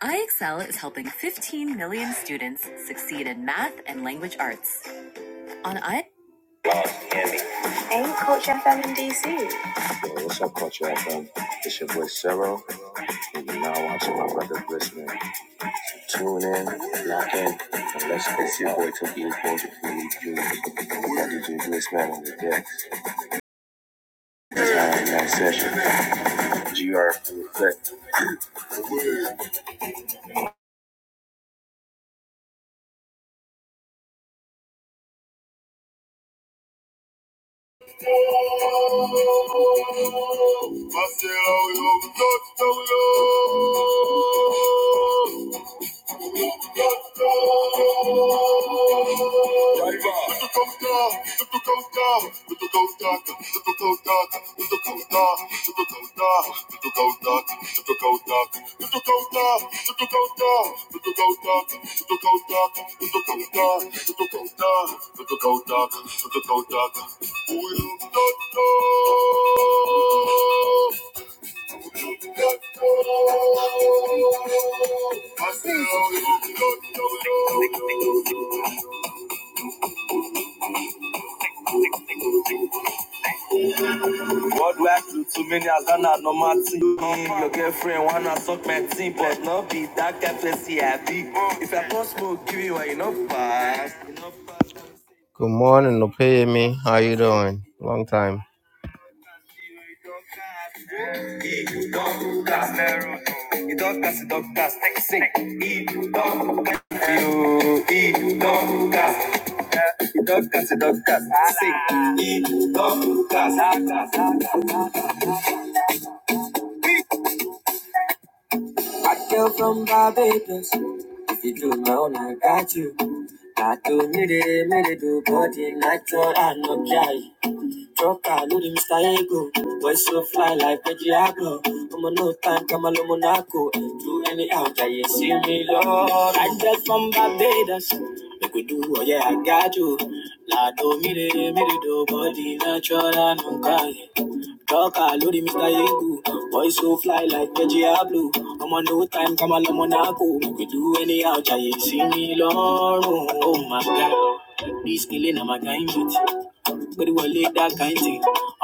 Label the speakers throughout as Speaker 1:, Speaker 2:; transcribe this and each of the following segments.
Speaker 1: iExcel is helping 15 million students succeed in math and language arts. On I. Yo, what's up, Culture FM? It's your boy Cero, and you're now watching my brother Blissman. Tune in, lock in, and let's go. It's your boy Tokyo Culture Community Junior. Got DJ Blissman on the decks. It's our next session. GR for Reflect. Dog, Worldwide many has done a normal thing. Mm, your girlfriend wanna suck my team, but not be that kind pussy I be. If I can smoke, give you one, fast. Good morning, Opeyemi. How you doing? Long time. Idokas, idokas, take a sing. Idokas, you. Idokas. Idokas, idokas, sing. Idokas. I came from Barbados. If you do my own, I got you. I do need it, need it, do body natural and no dry. Truck, I know the Mr. Ego. I just love that. This killing, I'm a guy. pariwọlé dá káyìntì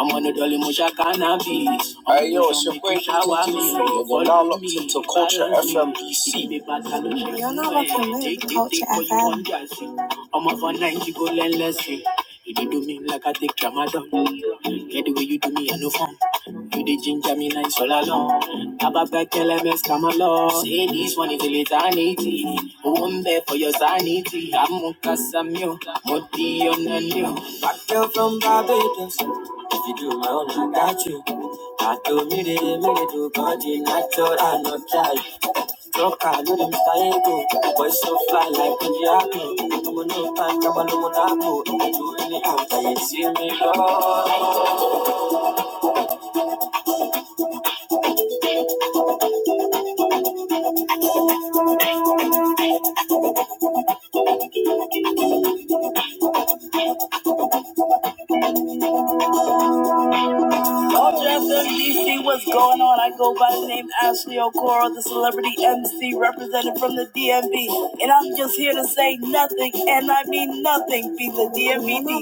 Speaker 1: ọmọ nìdọ̀lì mo ṣá cannabis ọmọ Hey tó yo, it's ṣọmọ your kì boy í You're now follow locked into Culture FMBC. lóṣù You're fún not ẹ deep, but you want jealousy. I'm up for nine, you go let's see. You do do me like I take tramadol. Get the way you do me, I no fun. You the ginger me nice all along. Above that LMS, come along. Say this one is a litany. One there for your sanity. I'm Mukasamio, Moti Onanio. Back girl from Barbados. If you do my own, I got you. I do me, they me, they do body natural, not try. No car, no limit, I ain't go. Boy, so fly like a jackal. I'm a no time, I'm a no monaco. Do any act, I ain't seen me love. All dressed up, DC, what's going on? I go by the name Ashley Okoro, the celebrity MC represented from the DMV. And I'm just here to say nothing, and I mean nothing, be the DMV.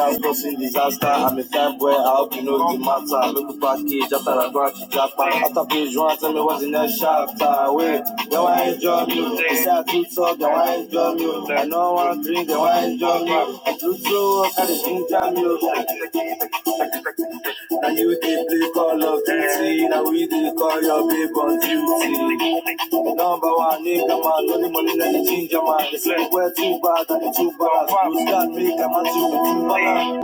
Speaker 1: That's no disaster. I'm a type where I hope you know the matter. Make back.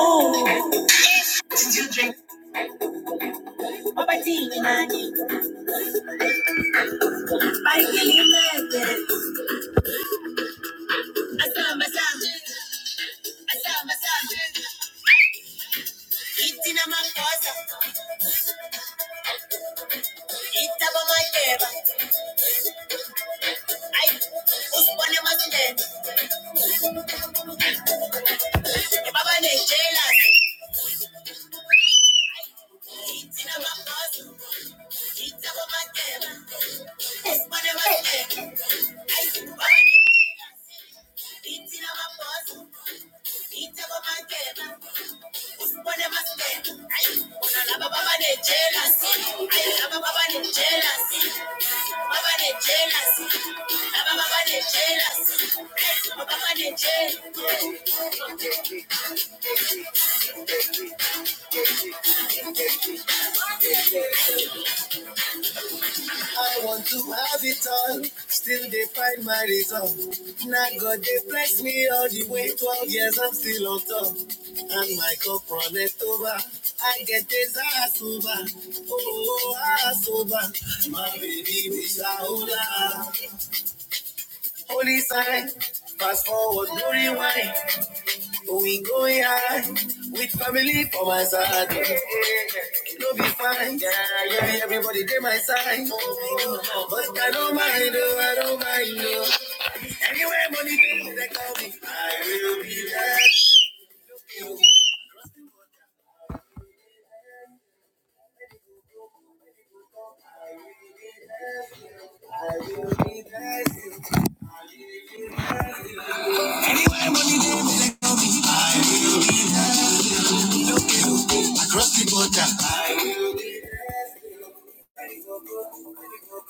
Speaker 1: Ooh. I can't imagine. I want to have it all, still they find my reason. Now God they bless me all the way, 12 years I'm still on top. And my cup runneth over, I get this ass over, oh ass over. My baby, we're Mishaola, holy sign, fast forward, no rewind. We go yard with family for my side. No be fine. Yeah, yeah, everybody get my side. But I don't mind, oh, I don't mind, oh. Anywhere money goes, they call me. I will be there. I will be there. I will be there.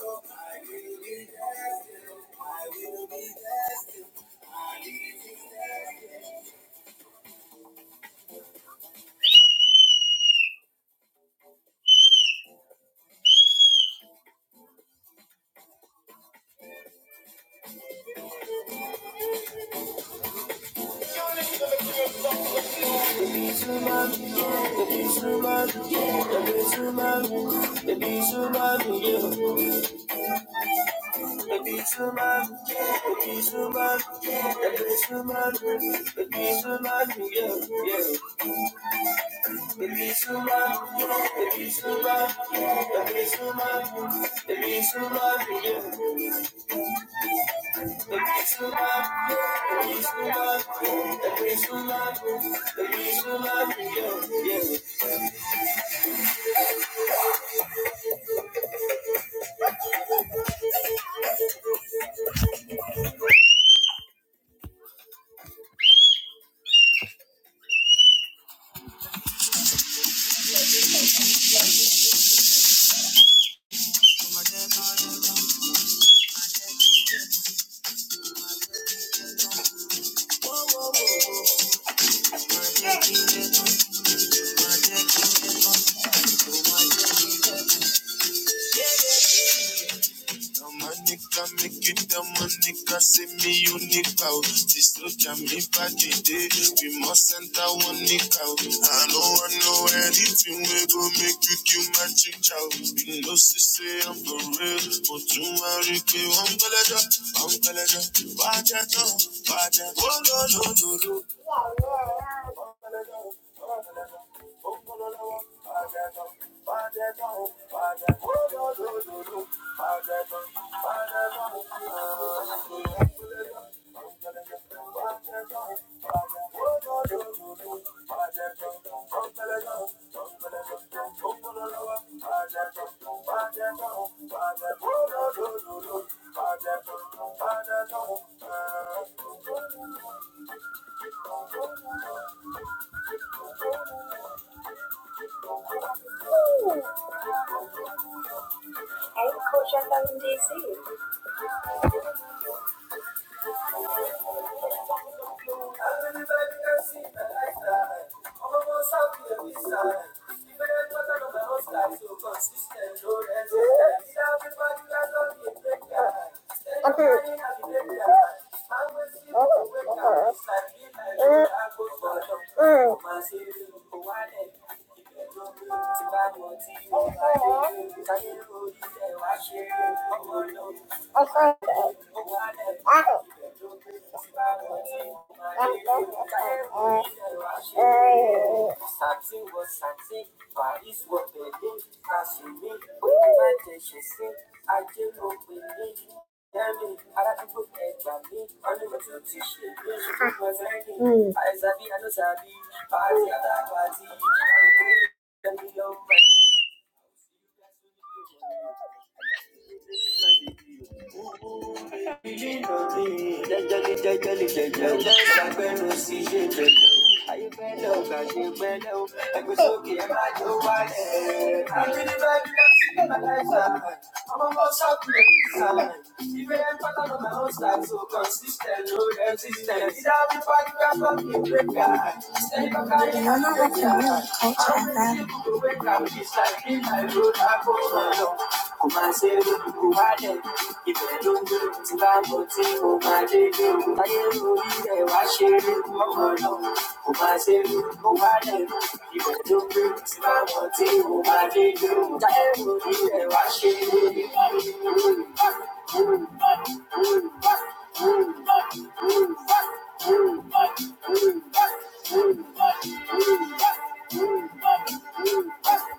Speaker 1: I will be there. The money can make it, the money can see me unique out. This look at me back today. We must send that one nick out. I know I know anything we go make you kill magic out. You know, she say I'm for real. But you are I'm Galaja, I'm Galaja. Watch out, no, watch out. Oh, no, no, no, no. Okay. Oh, Okay. Consistent, no resistance. It's how we fight, we are fucking break guys. Stay back, kò máa ṣe é ló dùn kó wá dẹ̀ ibẹ̀ ló ń dùn tí bá mọ̀ tí mo máa dé dé o láyé lórí ẹ̀ wá ṣe é ló mọ̀ lọ kò máa ṣe é ló dùn kó wá dẹ̀ ibẹ̀ ló ń dùn tí bá mọ̀ tí mo máa dé dé o láyé lórí ẹ̀ wá ṣe é ló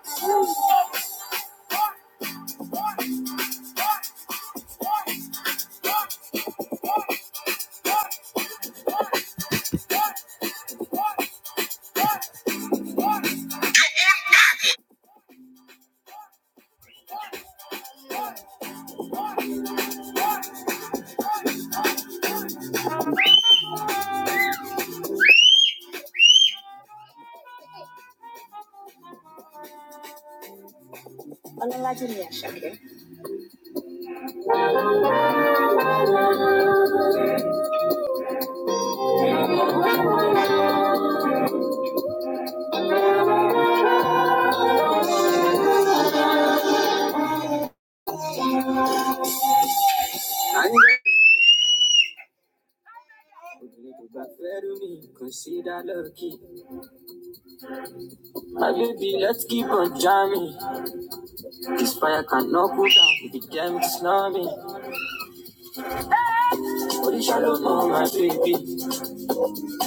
Speaker 1: You could damn it snobby. Put a shadow on my baby.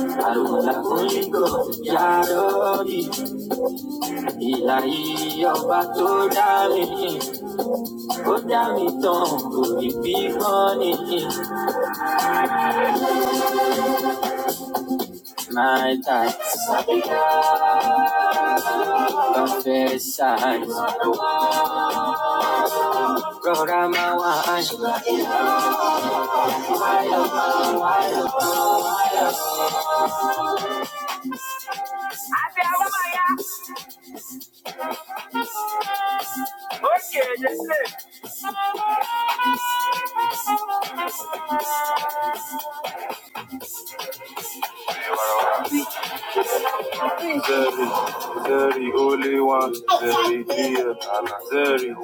Speaker 1: I don't want that only go. Yarori. Ilayi ọba tó dá mi. Ó dá mi tán, kò ní bí kan My type, confess size. Rọra máa the only one, the dear, Zeri,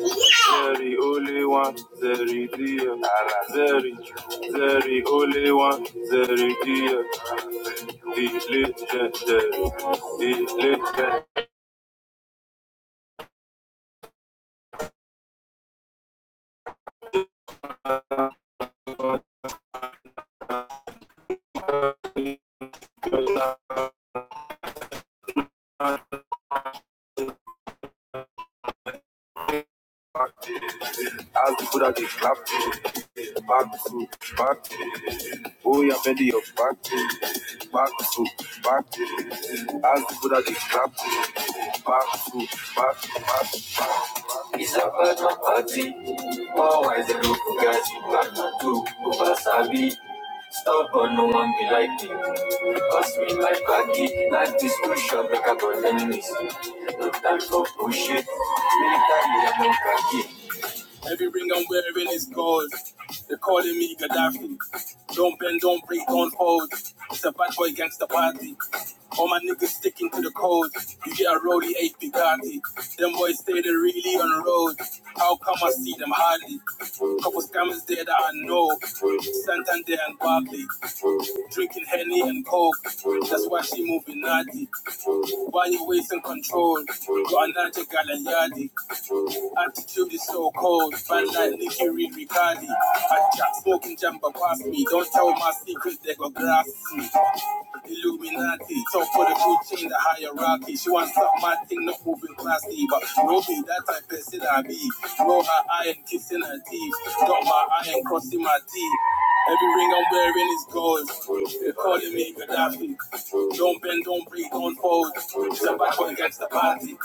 Speaker 1: Zeri, only one, Zeri, dear, Zeri, Zeri, only one, Zeri, dear, the legendary, the legendary. Isabana party, always a look, guys, you got two, Ubasabi. Stubborn, no one be like you. Pass me like baggy, like this push up, break up all enemies. No time for bullshit, military and no khaki. Every ring I'm wearing is gold. They're calling me Gaddafi. Don't bend, don't break, don't fold. It's a bad boy gangster party. All my niggas sticking to the code. You get a rolly eight Bugatti. Them boys say they really on the road. How come I see them hardly? Couple scammers there that I know. Santander and Barclay. Drinking Henny and Coke, that's why she moving naughty. Why you wasting control? Got another Galayadi. Attitude is so cold. Bad like Nicky Reed Riccardi. I jack smoking jumper past me. Don't tell my secret, they go grass me. Illuminati, talk for the food chain, the hierarchy. She wants up my thing, not moving classy, but no be that type of person I be. Roll her iron, kissing her teeth, got my iron crossing my teeth. Every ring I'm wearing is gold. They're calling me Gaddafi. Don't bend, don't break, don't fold. Step back up against the party.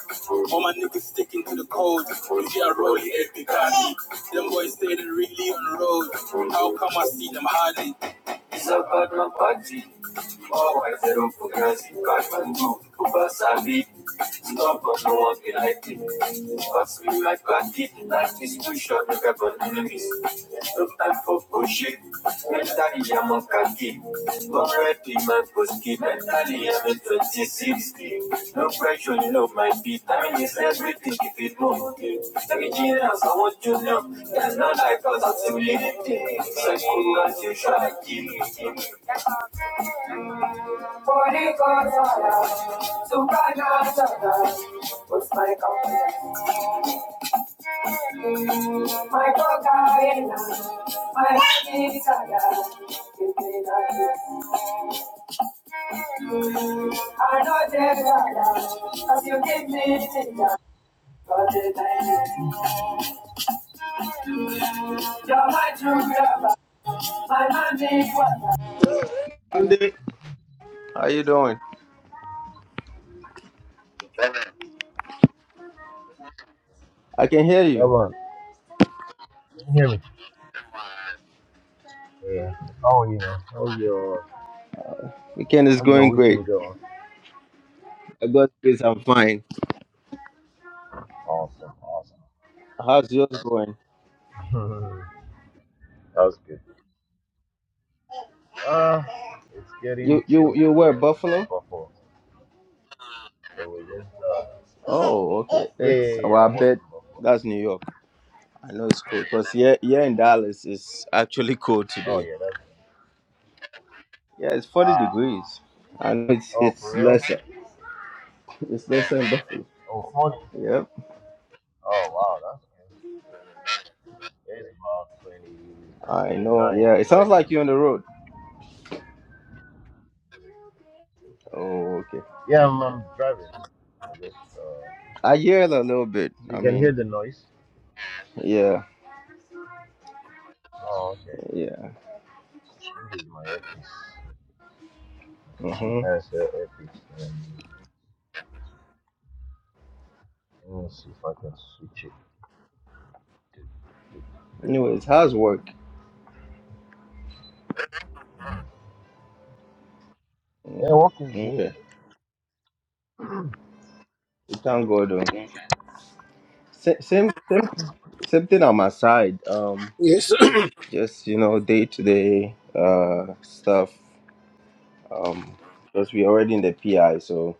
Speaker 1: All my niggas sticking to the code. You see a roll it, Picardy. Them boys say really on the road. How come I see them hardly? It's about my party. Always I don't organize it, cash man do, over savvy, fucking life pass me like a this too short, look at my enemies, no time for bullshit, How you doing? I can hear you. Weekend is going great. I got this, I'm fine. How's yours going? You you you were Buffalo? Oh, okay. That's well I bet that's New York. I know it's cold. Because yeah yeah in Dallas it's actually cold today. Yeah, it's 40 degrees. And it's it's lesser. It's lesser in Buffalo. Yep. I know. Yeah, it sounds like you're on the road. Oh, okay. Okay. I hear it a little bit. I mean, yeah, yeah. Mm-hmm. Anyways, how's work? Mm, okay. It sounds good. Um, sa- same, same, same thing on my side. Um, just you know, day to day, uh, stuff. Um, because we're already in the PI, so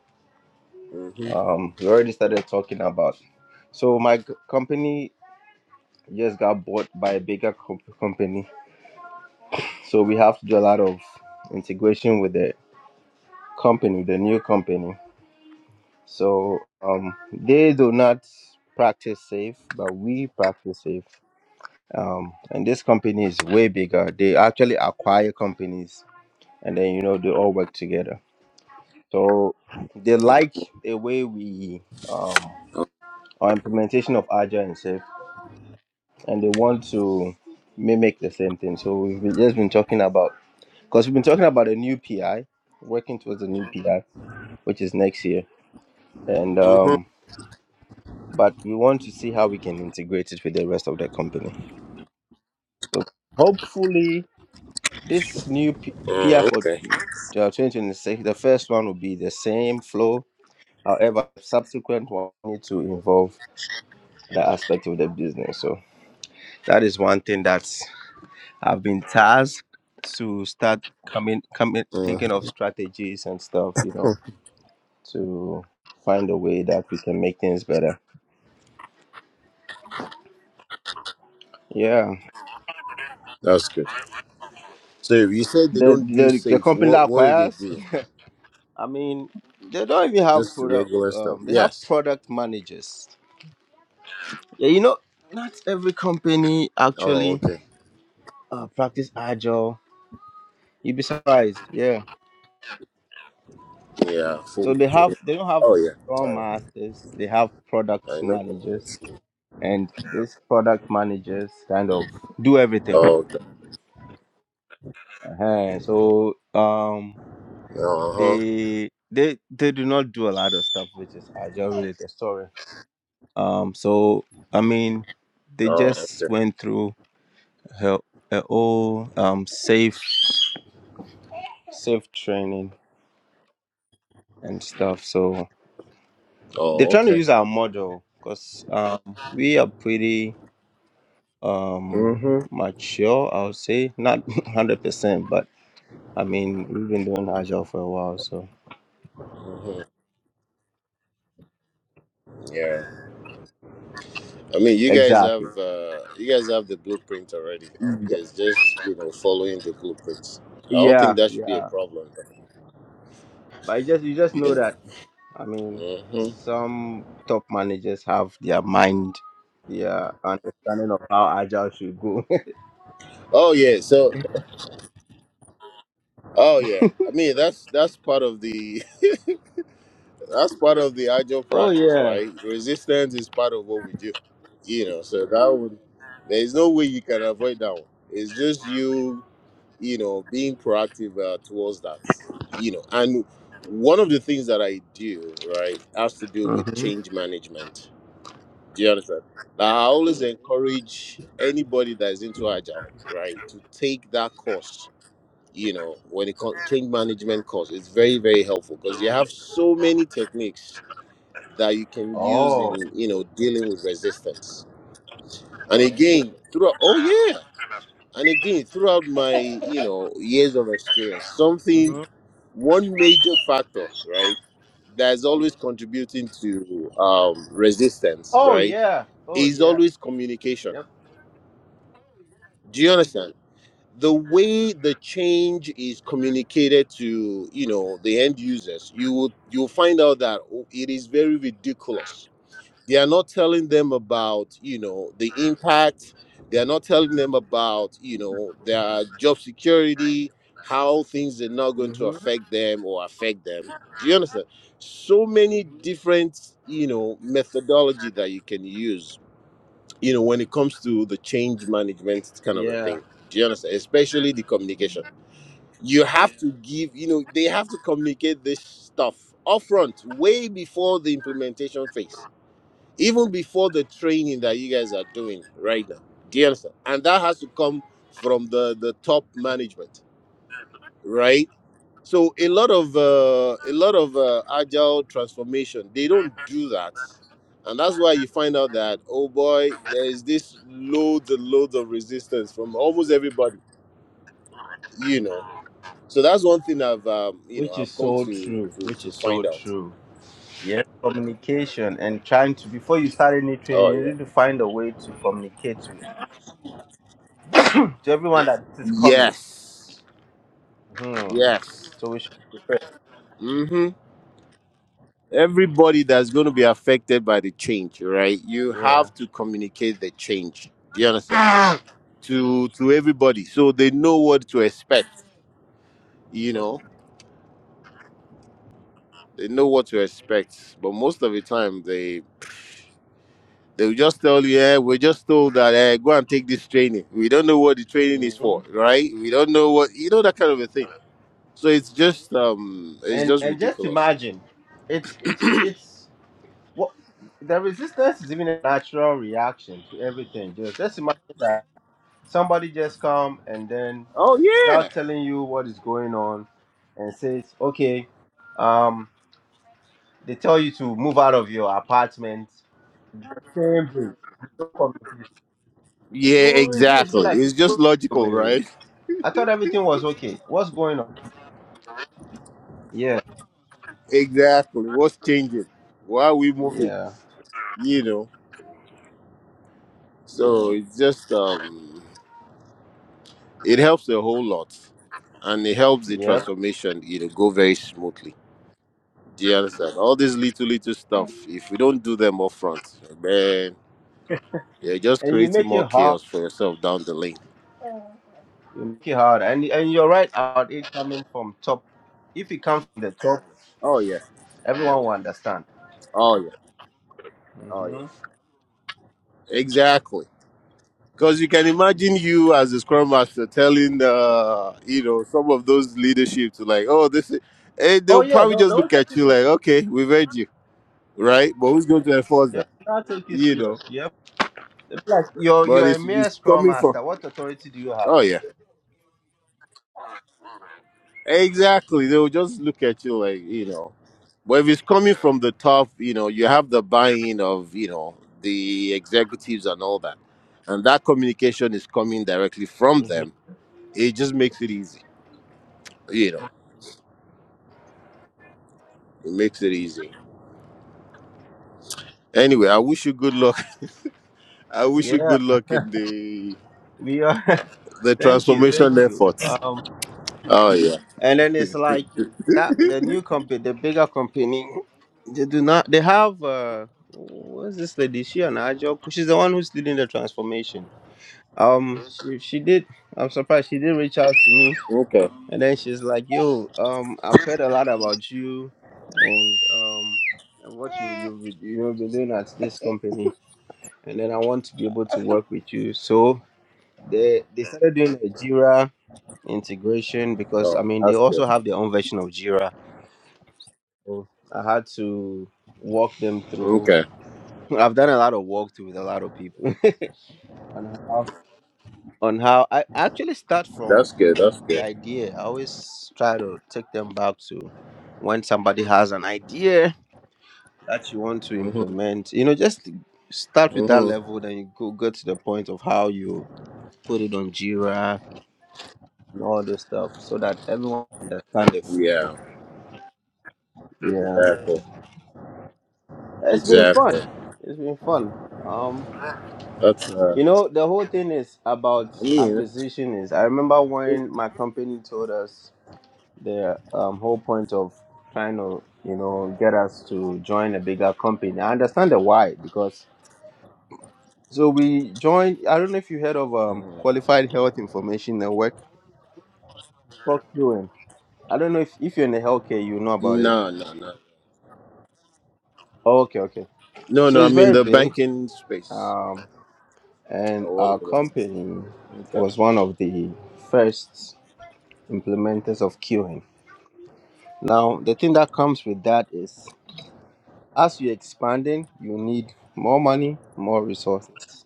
Speaker 1: Um, we already started talking about. So my g- company just got bought by a bigger comp- company, so we have to do a lot of integration with the company, the new company. So um, they do not practice safe, but we practice safe. Um, and this company is way bigger. They actually acquire companies, and then you know they all work together. So they like the way we um, our implementation of agile and safe. and they want to mimic the same thing. So we've been, just been talking about because we've been talking about a new PI, working towards a new PI, which is next year, and
Speaker 2: hmm
Speaker 1: um, but we want to see how we can integrate it with the rest of the company. So hopefully, this new P- PI for uh, 2026, the first one will be the same flow. However, subsequent one need to involve the aspect of the business. So that is one thing that I've been tasked to start coming, coming, thinking of strategies and stuff, you know, to find a way that we can make things better. Yeah,
Speaker 2: That's good. So
Speaker 1: the the, the company that acquires, I mean, they don't even have
Speaker 2: just the
Speaker 1: product.
Speaker 2: regular stuff.
Speaker 1: Um, they have
Speaker 2: Yes.
Speaker 1: product managers. Yeah, you know, not every company
Speaker 2: Oh,
Speaker 1: actually
Speaker 2: okay.
Speaker 1: uh, practice agile. You'd be surprised. Yeah,
Speaker 2: Yeah. Full.
Speaker 1: so they
Speaker 2: full-
Speaker 1: have they don't have
Speaker 2: Oh, yeah.
Speaker 1: scrum masters. They have product
Speaker 2: I, I know.
Speaker 1: managers and these product managers kind of do everything.
Speaker 2: Oh, okay.
Speaker 1: uh So um,
Speaker 2: Uh huh.
Speaker 1: they they they do not do a lot of stuff which is agile related. Sorry. Um, so I mean, they
Speaker 2: Oh,
Speaker 1: just
Speaker 2: okay.
Speaker 1: went through her, her whole um safe safe training and stuff. So they're
Speaker 2: Oh,
Speaker 1: trying to
Speaker 2: okay.
Speaker 1: use our model because um, we are pretty um
Speaker 2: Mhm.
Speaker 1: mature. I would say not hundred percent, but I mean, we've been doing Agile for a while, so
Speaker 2: Mhm. Yeah. I mean, you guys
Speaker 1: exactly.
Speaker 2: have uh, you guys have the blueprint already. It's just you know following the blueprints. I don't think
Speaker 1: Yeah,
Speaker 2: that should be a
Speaker 1: yeah.
Speaker 2: problem.
Speaker 1: But you just you just
Speaker 2: You
Speaker 1: know
Speaker 2: Yeah.
Speaker 1: that. I mean,
Speaker 2: Mhm.
Speaker 1: some top managers have their mind, their understanding of how Agile should go.
Speaker 2: Oh yeah. So. Oh yeah. I mean, that's that's part of the. that's part of the agile
Speaker 1: oh
Speaker 2: practice,
Speaker 1: yeah.
Speaker 2: right? Resistance is part of what we do, you know. So that would there's no way you can avoid that one. It's just you, you know, being proactive uh, towards that, you know. And one of the things that I do, right, has to do with
Speaker 1: hmm
Speaker 2: change management. Do you understand? Now, I always encourage anybody that is into agile, right, to take that course. You know, when it comes change management course, it's very very helpful because you have so many techniques that you can use in you know dealing with resistance and again throughout oh yeah and again throughout my you know years of experience something
Speaker 1: hmm
Speaker 2: one major factor right that's always contributing to um, resistance
Speaker 1: Oh
Speaker 2: right
Speaker 1: yeah.
Speaker 2: is
Speaker 1: Yeah.
Speaker 2: always communication
Speaker 1: Yep.
Speaker 2: do you understand the way the change is communicated to you know the end users you will you'll find out that oh, it is very ridiculous they are not telling them about you know the impact they are not telling them about you know their job security how things are not going to
Speaker 1: hmm
Speaker 2: affect them or affect them do you understand so many different you know methodology that you can use you know when it comes to the change management kind of a
Speaker 1: Yeah.
Speaker 2: thing do you understand especially the communication you have to give you know they have to communicate this stuff upfront way before the implementation phase even before the training that you guys are doing right now. Do you understand? And that has to come from the the top management, right? So a lot of uh, a lot of uh, agile transformation, they don't do that, and that's why you find out that oh boy, there is this loads and loads of resistance from almost everybody, you know. So that's one thing I've um, you know
Speaker 1: Which is
Speaker 2: I've come
Speaker 1: so
Speaker 2: to
Speaker 1: true.
Speaker 2: to
Speaker 1: Which
Speaker 2: to
Speaker 1: is so
Speaker 2: find out.
Speaker 1: true. Yeah. Communication and trying to before you start any
Speaker 2: Oh
Speaker 1: training, you
Speaker 2: yeah.
Speaker 1: need to find a way to communicate to to everyone that this is coming.
Speaker 2: Yes.
Speaker 1: Hmm.
Speaker 2: Yes.
Speaker 1: So we should prepare.
Speaker 2: Mm-hmm. everybody that's going to be affected by the change, right? You have to communicate the change. Do you understand?
Speaker 1: Yeah.
Speaker 2: To to everybody, so they know what to expect. You know, they know what to expect. But most of the time, they they will just tell you, "Yeah, we're just told that eh, go and take this training. We don't know what the training is
Speaker 1: hmm
Speaker 2: for, right? We don't know what you know that kind of a thing." So it's just um, it's
Speaker 1: And
Speaker 2: just
Speaker 1: and just
Speaker 2: ridiculous.
Speaker 1: imagine, it's it's it's what the resistance is even a natural reaction to everything. Just just imagine that somebody just come and then
Speaker 2: Oh yeah,
Speaker 1: without telling you what is going on and says, okay, um, they tell you to move out of your apartment. Same thing. No comment. You
Speaker 2: yeah,
Speaker 1: will resist. Be
Speaker 2: exactly.
Speaker 1: like,
Speaker 2: It's just
Speaker 1: wait,
Speaker 2: logical,
Speaker 1: wait,
Speaker 2: right?
Speaker 1: wait. I thought everything was okay. What's going on? Yeah,
Speaker 2: Exactly. What's changing? Why are we moving?
Speaker 1: yeah,
Speaker 2: You know. So it's just um it helps a whole lot. And it helps the
Speaker 1: yep.
Speaker 2: transformation, you know, go very smoothly. Do you understand? All these little little stuff, if we don't do them up front, man, you're just
Speaker 1: And you
Speaker 2: creating
Speaker 1: make it
Speaker 2: more
Speaker 1: hard.
Speaker 2: chaos for yourself down the lane.
Speaker 1: You make it hard, and and you're right about it coming from top. If it comes from the top,
Speaker 2: Oh yeah.
Speaker 1: everyone will understand.
Speaker 2: Oh yeah. Oh yeah.
Speaker 1: hmm
Speaker 2: Exactly. Because you can imagine you as a scrum master telling, uh, you know, some of those leadership to like, oh, this, is, eh,
Speaker 1: Oh
Speaker 2: they'll
Speaker 1: yeah,
Speaker 2: probably
Speaker 1: don't
Speaker 2: just look
Speaker 1: don't take
Speaker 2: at
Speaker 1: you
Speaker 2: you
Speaker 1: serious.
Speaker 2: like, okay, we've heard you, right? But who's going to enforce
Speaker 1: They will
Speaker 2: that?
Speaker 1: not take you
Speaker 2: You
Speaker 1: serious.
Speaker 2: know,
Speaker 1: Yep. They'll be Like you're
Speaker 2: but
Speaker 1: you're a
Speaker 2: it's, it's
Speaker 1: mere scrum
Speaker 2: coming from,
Speaker 1: master. What authority do you have?
Speaker 2: oh yeah, exactly. They'll just look at you like, you know, but if it's coming from the top, you know, you have the buy-in of, you know, the executives and all that, and that communication is coming directly from them. It just makes it easy, you know. It makes it easy. Anyway, I wish you good luck. I wish you
Speaker 1: Yeah,
Speaker 2: good luck in the
Speaker 1: we are.
Speaker 2: the
Speaker 1: thank you,
Speaker 2: transformation
Speaker 1: thank you.
Speaker 2: efforts.
Speaker 1: Um.
Speaker 2: Oh yeah.
Speaker 1: and then it's like that the new company the bigger company they do not they have uh what's this lady she an agile co- she's the one who's leading the transformation um she, she did i'm surprised she did reach out to me
Speaker 2: Okay.
Speaker 1: and then she's like yo um i've heard a lot about you and um and what you you've been- you know been doing at this company and then i want to be able to work with you so they they started doing a jira integration because
Speaker 2: Oh,
Speaker 1: i mean they
Speaker 2: that's
Speaker 1: also
Speaker 2: good.
Speaker 1: have their own version of jira I had to walk them through.
Speaker 2: Okay,
Speaker 1: I've done a lot of walkthrough with a lot of people on how on how I actually start
Speaker 2: that's
Speaker 1: from
Speaker 2: good. That's
Speaker 1: the
Speaker 2: good.
Speaker 1: idea. I always try to take them back to when somebody has an idea that you want to
Speaker 2: Mhm.
Speaker 1: implement. You know, just start with that
Speaker 2: Mhm.
Speaker 1: level, then you go go to the point of how you put it on Jira and all this stuff, so that everyone understands it.
Speaker 2: Yeah.
Speaker 1: Yeah,
Speaker 2: Exactly.
Speaker 1: it's been fun.
Speaker 2: Exactly.
Speaker 1: It's been fun. Um.
Speaker 2: That's. Uh,
Speaker 1: You know, the whole thing is about
Speaker 2: I mean.
Speaker 1: acquisition is I remember when my company told us the um, whole point of trying to, you know, get us to join a bigger company. I understand the why because so we joined I don't know if you heard of um
Speaker 2: mhm.
Speaker 1: qualified health information network. Fox UN. I don't know if, if you're in the healthcare you know about it.
Speaker 2: No, no, no,
Speaker 1: Oh, okay, okay.
Speaker 2: no,
Speaker 1: So
Speaker 2: no. I
Speaker 1: it's
Speaker 2: mean
Speaker 1: very
Speaker 2: the
Speaker 1: big.
Speaker 2: banking space.
Speaker 1: Um and
Speaker 2: Oh, what
Speaker 1: our
Speaker 2: about
Speaker 1: company
Speaker 2: the Okay.
Speaker 1: was one of the first implementers of QN. Now, the thing that comes with that is as you're expanding, you need more money, more resources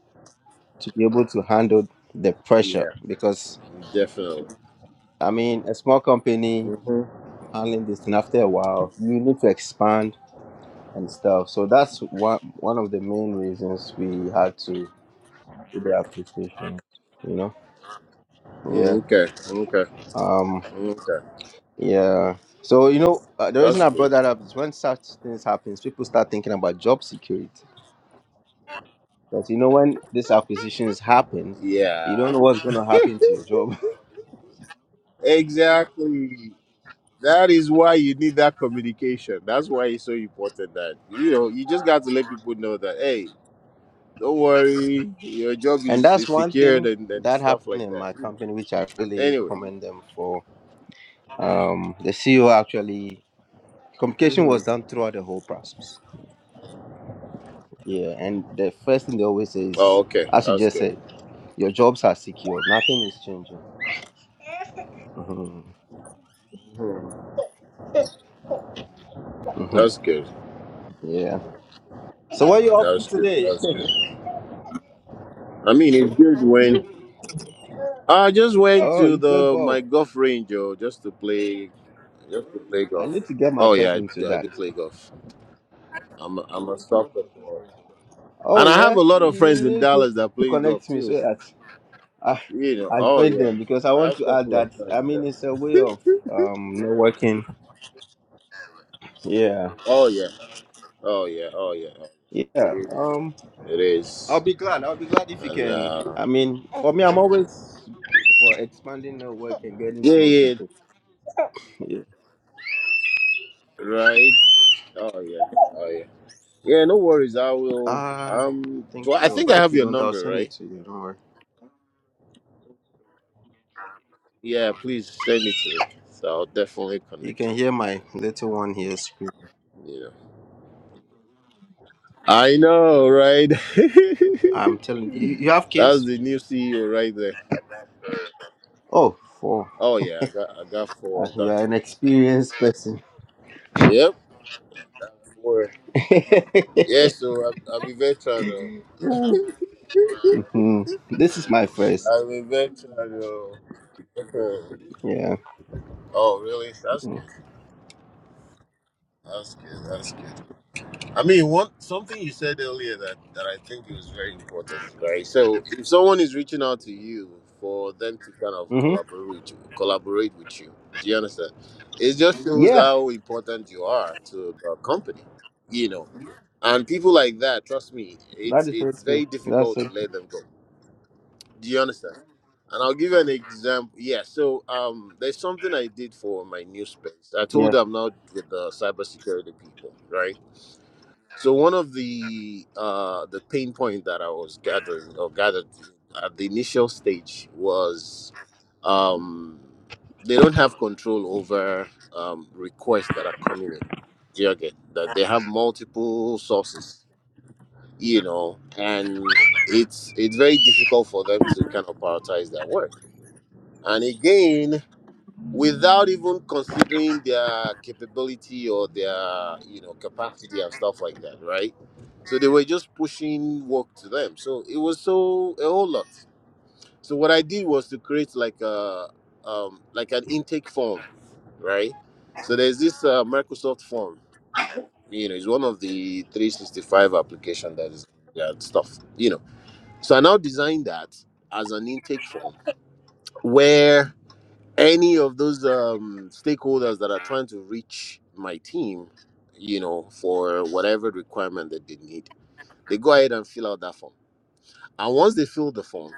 Speaker 1: to be able to handle the pressure.
Speaker 2: Yeah.
Speaker 1: Because,
Speaker 2: Definitely.
Speaker 1: I mean, a small company
Speaker 2: Mm-hmm.
Speaker 1: handling this thing after a while, you need to expand and stuff. So that's one, one of the main reasons we had to do the appreciation, you know?
Speaker 2: Mm-hmm.
Speaker 1: Yeah.
Speaker 2: Okay. Okay.
Speaker 1: Um,
Speaker 2: Mm-hmm. Okay.
Speaker 1: yeah. So, you know, uh, the reason
Speaker 2: That's
Speaker 1: I brought
Speaker 2: good.
Speaker 1: that up is when such things happens, people start thinking about job security Because you know when these acquisitions happen, you don't know
Speaker 2: Yeah.
Speaker 1: what's going to happen to your job.
Speaker 2: Exactly. That is why you need that communication. That's why it's so important that you know you just got to let people know that hey, don't worry, your job
Speaker 1: And
Speaker 2: is, is
Speaker 1: that's one
Speaker 2: secured
Speaker 1: thing
Speaker 2: and, and
Speaker 1: that
Speaker 2: stuff
Speaker 1: happened
Speaker 2: like
Speaker 1: in
Speaker 2: that.
Speaker 1: my
Speaker 2: You know.
Speaker 1: company, which I really
Speaker 2: Anyway.
Speaker 1: commend them for. Um, the CEO actually communication
Speaker 2: hmm
Speaker 1: was done throughout the whole process. Yeah, and the first thing they always say
Speaker 2: Oh,
Speaker 1: is,
Speaker 2: okay.
Speaker 1: as you
Speaker 2: That's
Speaker 1: just
Speaker 2: good.
Speaker 1: said, your jobs are secure. Nothing is changing. hmm
Speaker 2: Hmm.
Speaker 1: hmm
Speaker 2: That's good.
Speaker 1: Yeah. So what are you up to
Speaker 2: That's good.
Speaker 1: today?
Speaker 2: That's good. I mean, it's good when I just went
Speaker 1: oh,
Speaker 2: to
Speaker 1: you play
Speaker 2: the
Speaker 1: golf.
Speaker 2: my golf range, oh, just to play, just to play
Speaker 1: I
Speaker 2: golf.
Speaker 1: need to get
Speaker 2: Oh yeah,
Speaker 1: myself
Speaker 2: I,
Speaker 1: into
Speaker 2: do- I do
Speaker 1: that.
Speaker 2: play golf. I'm a, I'm a soft golfer,
Speaker 1: Oh
Speaker 2: and I have
Speaker 1: yeah,
Speaker 2: a lot of
Speaker 1: you, you
Speaker 2: friends in
Speaker 1: need to
Speaker 2: Dallas that
Speaker 1: to
Speaker 2: play golf
Speaker 1: connect me so
Speaker 2: too.
Speaker 1: that I
Speaker 2: You know,
Speaker 1: I
Speaker 2: oh
Speaker 1: joined
Speaker 2: yeah.
Speaker 1: them because I
Speaker 2: I
Speaker 1: want
Speaker 2: have a
Speaker 1: to add
Speaker 2: couple of
Speaker 1: that.
Speaker 2: friends,
Speaker 1: I mean,
Speaker 2: yes.
Speaker 1: it's a way of um networking. Yeah,
Speaker 2: Oh yeah. Oh yeah. Oh yeah. Oh, yeah. It
Speaker 1: yeah.
Speaker 2: is.
Speaker 1: Um,
Speaker 2: It
Speaker 1: I'll
Speaker 2: is.
Speaker 1: be glad. I'll be glad if you
Speaker 2: And
Speaker 1: can.
Speaker 2: uh
Speaker 1: I mean, for me, I'm always for expanding network and getting
Speaker 2: yeah,
Speaker 1: to know
Speaker 2: yeah,
Speaker 1: people. Yeah.
Speaker 2: right. Oh yeah. Oh yeah. Yeah, no worries. I will
Speaker 1: Uh, I
Speaker 2: um do
Speaker 1: think
Speaker 2: I, I
Speaker 1: so.
Speaker 2: think I
Speaker 1: But if
Speaker 2: have
Speaker 1: you
Speaker 2: your
Speaker 1: don't, I'll
Speaker 2: number,
Speaker 1: send
Speaker 2: right?
Speaker 1: it to you. Don't worry.
Speaker 2: Yeah, please send it to me. So I'll definitely
Speaker 1: You
Speaker 2: connect
Speaker 1: can
Speaker 2: you.
Speaker 1: hear
Speaker 2: man.
Speaker 1: my little one here scream.
Speaker 2: You know. I know, right? That's
Speaker 1: I'm
Speaker 2: the
Speaker 1: telling you. You have kids?
Speaker 2: new CEO right there.
Speaker 1: Oh, four.
Speaker 2: Oh yeah, I got I got four
Speaker 1: Uh,
Speaker 2: of
Speaker 1: You
Speaker 2: them.
Speaker 1: are an experienced person.
Speaker 2: Yep. Yes, so I'm, I'm a veteran. oh.
Speaker 1: Mhm. This is my first.
Speaker 2: I'm a veteran. oh. Okay.
Speaker 1: Yeah.
Speaker 2: Oh, really? That's good. That's good. That's good. I mean, one something you said earlier that that I think is very important, right? So, if someone is reaching out to you for them to kind of
Speaker 1: Mm-hmm.
Speaker 2: collaborate with you, collaborate with you, do you understand? It just shows
Speaker 1: Yeah.
Speaker 2: how important you are to the company, you know. And people like that, trust me, it's
Speaker 1: That is so
Speaker 2: it's
Speaker 1: true.
Speaker 2: very
Speaker 1: That's
Speaker 2: difficult to
Speaker 1: it.
Speaker 2: let them go Do you understand? And I'll give you an example. Yeah, so um, there's something I did for my new space. I told
Speaker 1: Yeah.
Speaker 2: them I'm now with the cybersecurity people, right? So one of the uh, the pain point that I was gathering or gathered at the initial stage was um, they don't have control over um, requests that are coming in. Do you get that? They have multiple sources you know, and it's it's very difficult for them to kind of prioritize their work. And again, without even considering their capability or their you know capacity and stuff like that, right? So they were just pushing work to them. So it was so a whole lot. So what I did was to create like a um, like an intake form, right? So there's this uh, Microsoft form. You know, it's one of the 365 application that is that stuff. You know. So I now design that as an intake form where any of those um, stakeholders that are trying to reach my team, you know, for whatever requirement that they need, they go ahead and fill out that form. And once they fill the form,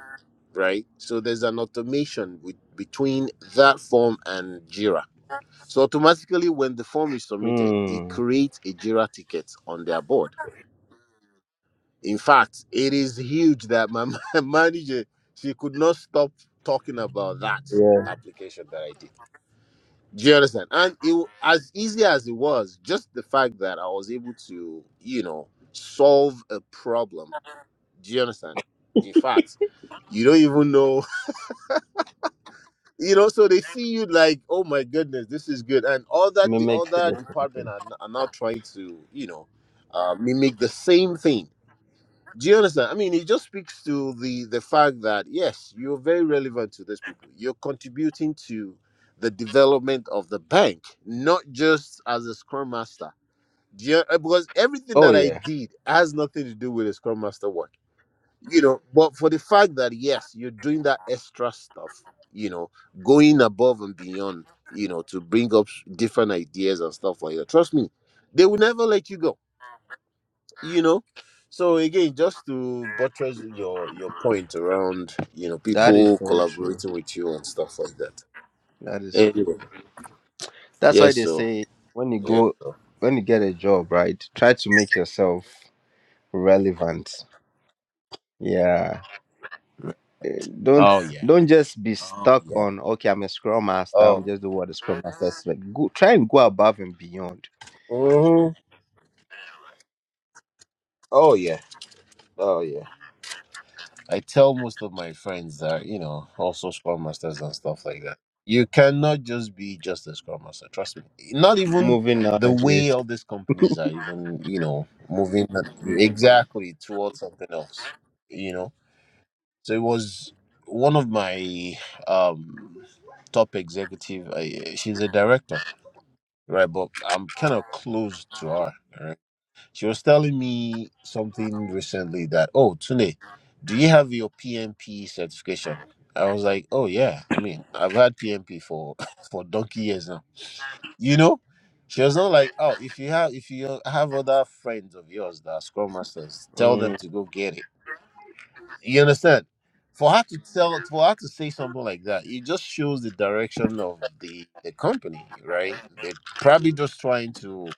Speaker 2: right? So there's an automation with, between that form and Jira. So automatically, when the form is submitted, it
Speaker 1: Mm.
Speaker 2: creates a Jira ticket on their board In fact, it is huge that my my manager she could not stop talking about that
Speaker 1: Yeah.
Speaker 2: application that I did. Do you understand? And it wa- as easy as it was, just the fact that I was able to, you know, solve a problem. Do you understand? In fact, you don't even know, you know. So they see you like, oh my goodness, this is good, and all that the
Speaker 1: Mimic
Speaker 2: other
Speaker 1: the
Speaker 2: department
Speaker 1: function.
Speaker 2: are, n- are now trying to, you know, uh, mimic the same thing Do you understand? I mean, it just speaks to the the fact that yes, you're very relevant to these people. You're contributing to the development of the bank, not just as a scrum master. Do you, uh, because everything
Speaker 1: Oh
Speaker 2: that I
Speaker 1: yeah.
Speaker 2: did has nothing to do with the scrum master work, you know. But for the fact that yes, you're doing that extra stuff, you know, going above and beyond, you know, to bring up different ideas and stuff like that. Trust me, they will never let you go you know so again just to buttress your your point around you know
Speaker 1: That is
Speaker 2: people
Speaker 1: so true.
Speaker 2: collaborating with you and stuff like that
Speaker 1: That is so true.
Speaker 2: anyway
Speaker 1: That's why
Speaker 2: yes
Speaker 1: they
Speaker 2: so
Speaker 1: say when you
Speaker 2: yes
Speaker 1: go
Speaker 2: so
Speaker 1: when you get a job, right? Try to make yourself relevant. Yeah. Eh, Don't
Speaker 2: oh yeah
Speaker 1: don't just be
Speaker 2: oh
Speaker 1: stuck
Speaker 2: yeah
Speaker 1: on okay, I'm a scrum master, I'm
Speaker 2: oh
Speaker 1: just doing what the scrum master is like. Go try and go above and beyond.
Speaker 2: mhm. oh yeah oh yeah i tell most of my friends that you know also scrum masters and stuff like that you cannot just be just a scrum master trust me not even
Speaker 1: Moving
Speaker 2: the way
Speaker 1: nowadays.
Speaker 2: all these companies are even you know moving exactly towards something else you know So it was one of my um, top executive. I, she's a director, right? But I'm kind of close to her. Right? She was telling me something recently that, oh, Tune, do you have your PMP certification? I was like, oh yeah. I mean, I've had PMP for for donkey years now. You know. She was not like, oh, if you have if you have other friends of yours that are scrum masters, tell them
Speaker 1: Mm.
Speaker 2: to go get it you understand? For her to tell, for her to say something like that, it just shows the direction of the the company, right? They're probably just trying to,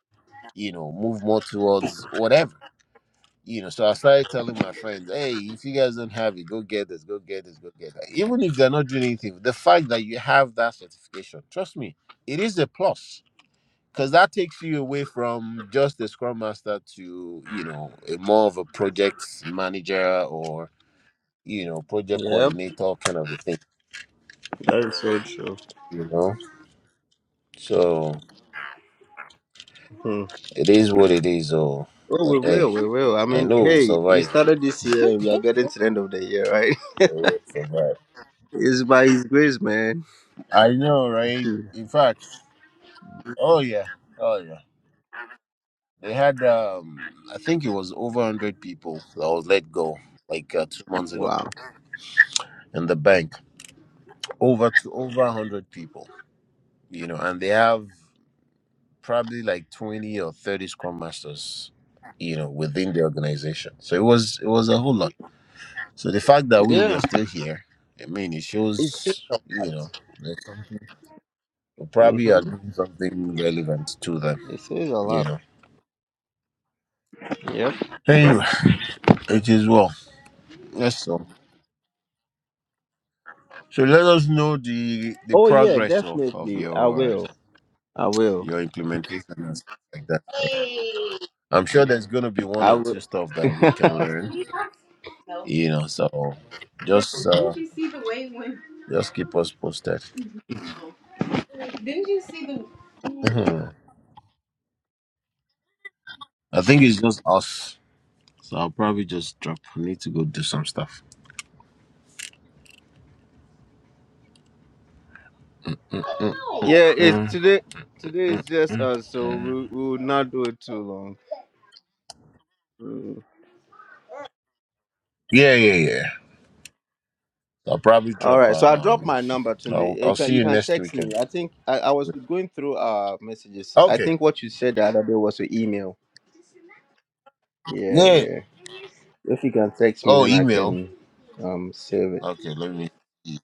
Speaker 2: you know, move more towards whatever. You know, so I started telling my friends, hey, if you guys don't have it, go get this, go get this, go get that. Even if they're not doing anything, the fact that you have that certification, trust me, it is a plus. Because that takes you away from just the scrum master to, you know, a more of a project manager or you know, project
Speaker 1: Yep.
Speaker 2: coordinator kind of a thing,
Speaker 1: That is so true.
Speaker 2: you know. So
Speaker 1: Hmm.
Speaker 2: it is what it is, oh.
Speaker 1: Oh, we
Speaker 2: But hey,
Speaker 1: will, we will. I
Speaker 2: I
Speaker 1: mean,
Speaker 2: know we'll
Speaker 1: hey, we
Speaker 2: survive.
Speaker 1: started this year
Speaker 2: We
Speaker 1: and we are getting to the end of the year, right?
Speaker 2: will survive.
Speaker 1: It's by His grace, man.
Speaker 2: I know, right?
Speaker 1: Hmm.
Speaker 2: In fact, oh yeah, oh yeah. They had, um, I think it was over hundred people that was let go like uh, two months ago
Speaker 1: Wow.
Speaker 2: in the bank. Over to over hundred people, you know, and they have probably like twenty or thirty scrum masters, you know, within the organization. So it was it was a whole lot. So the fact that we we are
Speaker 1: Yeah,
Speaker 2: still here, I mean, it
Speaker 1: it says,
Speaker 2: shows, you know, that something- we probably are
Speaker 1: hmm
Speaker 2: doing something relevant to them,
Speaker 1: it says a
Speaker 2: you
Speaker 1: lot.
Speaker 2: know.
Speaker 1: Yep.
Speaker 2: Anyway,
Speaker 1: Hmm.
Speaker 2: it is well. Yes, so so let us know the the
Speaker 1: Oh, yeah,
Speaker 2: progress of of
Speaker 1: definitely. I
Speaker 2: your
Speaker 1: will. I will.
Speaker 2: your implementation and stuff like that. So I'm sure there's gonna be one
Speaker 1: I
Speaker 2: or two
Speaker 1: will.
Speaker 2: stuff that we can
Speaker 1: yeah,
Speaker 2: learn, you know. So just uh just keep us posted. Mhm. I think it's just us, so I'll probably just drop. I need to go do some stuff.
Speaker 1: it's
Speaker 2: Mm-mm.
Speaker 1: today. Today is just us, so we, we will not do it too long. Hmm.
Speaker 2: Yeah, yeah, yeah. I'll probably
Speaker 1: All
Speaker 2: drop
Speaker 1: right, so
Speaker 2: on.
Speaker 1: I dropped
Speaker 2: Um,
Speaker 1: my number today.
Speaker 2: I'll
Speaker 1: You
Speaker 2: I'll
Speaker 1: can,
Speaker 2: see
Speaker 1: you
Speaker 2: you
Speaker 1: can
Speaker 2: next
Speaker 1: text
Speaker 2: weekend.
Speaker 1: me. I think I, I was going through our messages. I
Speaker 2: Okay.
Speaker 1: think what you said the other day was your email. Yeah,
Speaker 2: Yeah.
Speaker 1: yeah. If you can text me,
Speaker 2: Oh,
Speaker 1: then I
Speaker 2: email.
Speaker 1: can um save it.
Speaker 2: Okay. Let me. See.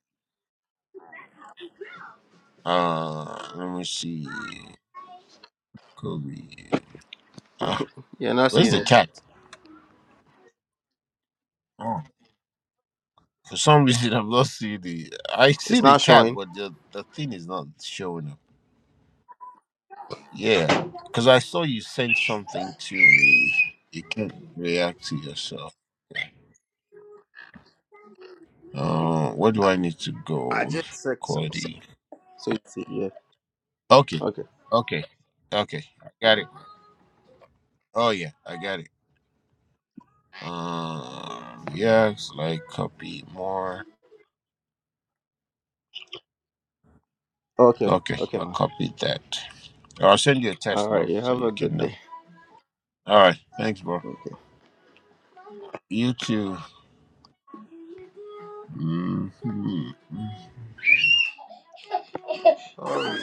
Speaker 2: Uh, let me see. Kobe. Uh,
Speaker 1: You're not
Speaker 2: where's
Speaker 1: seeing
Speaker 2: the
Speaker 1: it.
Speaker 2: chat? Oh, for some reason I've not seen the. I see
Speaker 1: It's
Speaker 2: the
Speaker 1: not
Speaker 2: chat,
Speaker 1: showing.
Speaker 2: but the the thing is not showing up. Yeah, because I saw you sent something to me. You can't react to yourself. Yeah. Uh, where do I need to
Speaker 1: I
Speaker 2: go,
Speaker 1: just checked some. stuff.
Speaker 2: Cody?
Speaker 1: So you see, yeah.
Speaker 2: Okay.
Speaker 1: Okay.
Speaker 2: Okay. Okay. I got it. Oh yeah, I got it. Um yes, like copy more.
Speaker 1: Okay.
Speaker 2: Okay,
Speaker 1: Okay,
Speaker 2: I
Speaker 1: man.
Speaker 2: copied that. I'll send you a test
Speaker 1: All
Speaker 2: now
Speaker 1: right. You
Speaker 2: so
Speaker 1: have
Speaker 2: you
Speaker 1: a
Speaker 2: can
Speaker 1: good
Speaker 2: know.
Speaker 1: day.
Speaker 2: All right. Thanks, bro.
Speaker 1: Okay.
Speaker 2: You too. Mhm.
Speaker 1: All right.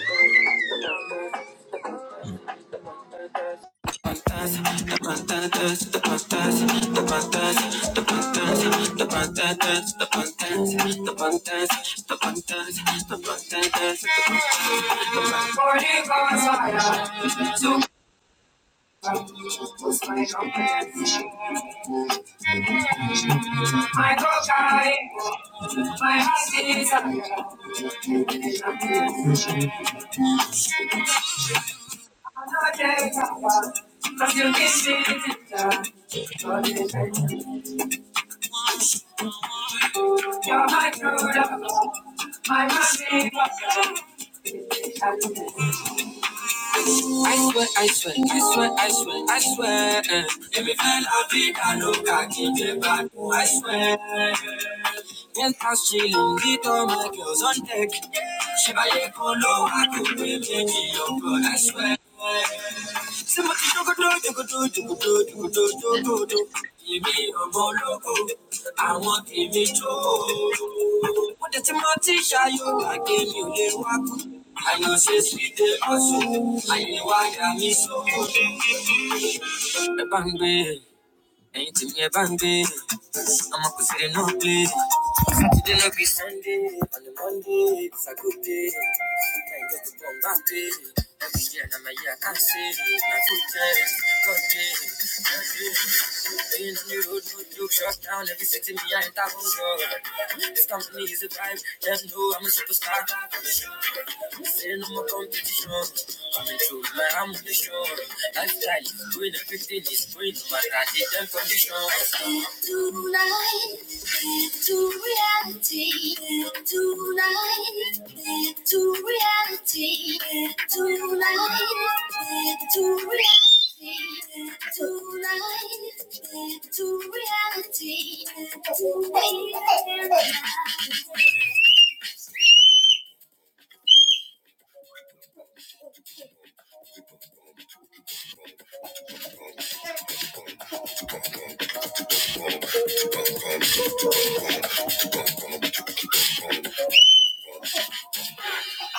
Speaker 1: I swear, I swear, I swear, I swear, I swear. eh. Èmi fẹ́ la vida loca kí n jẹ I swear. Penthouse chillin', with all my girls on deck. Chevalier Polo, I could be making your girl, I swear. Somebody do go do, do go do, do go do, do go do, do go do. Èmi ọmọ ológo, àwọn tèmi jó. Mo dẹ̀ ti mọ tí ṣayọ gbàgbé mi ò lè wá kú. Àyànṣe sì dé ọ̀sùn, àyè wá yà mí sóko. Ẹ bá ń gbé, ẹ̀yin tèmi ẹ bá ń gbé, ọmọ kò sí lè náà gbé. Saturday no be Sunday, on a Monday it's a good day. Can't get to Bombay Every year Now my year I can say. Na good day, good day, good day. Things new, good look shut down. Every city me I ain't for sure. This company is a vibe, them know I'm a superstar. Say no more competition. Coming through with my ambition. Lifestyle is doing everything is doing no matter the damn condition.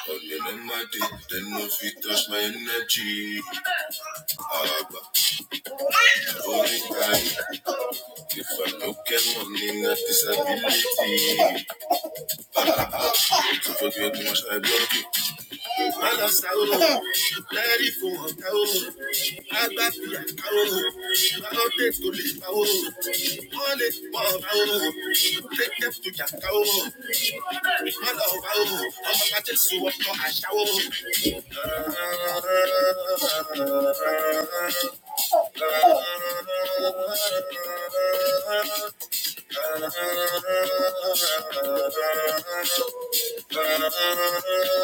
Speaker 1: Only them my dick, then no feet touch my energy. Ah, but only guy, if I look at money, not disability. So forget too much, I block it. I lost out, let it go on, out. I got the account, I don't take to leave it. I don't take them to get account. I love out, I'm about to so up i a shower. Thank you.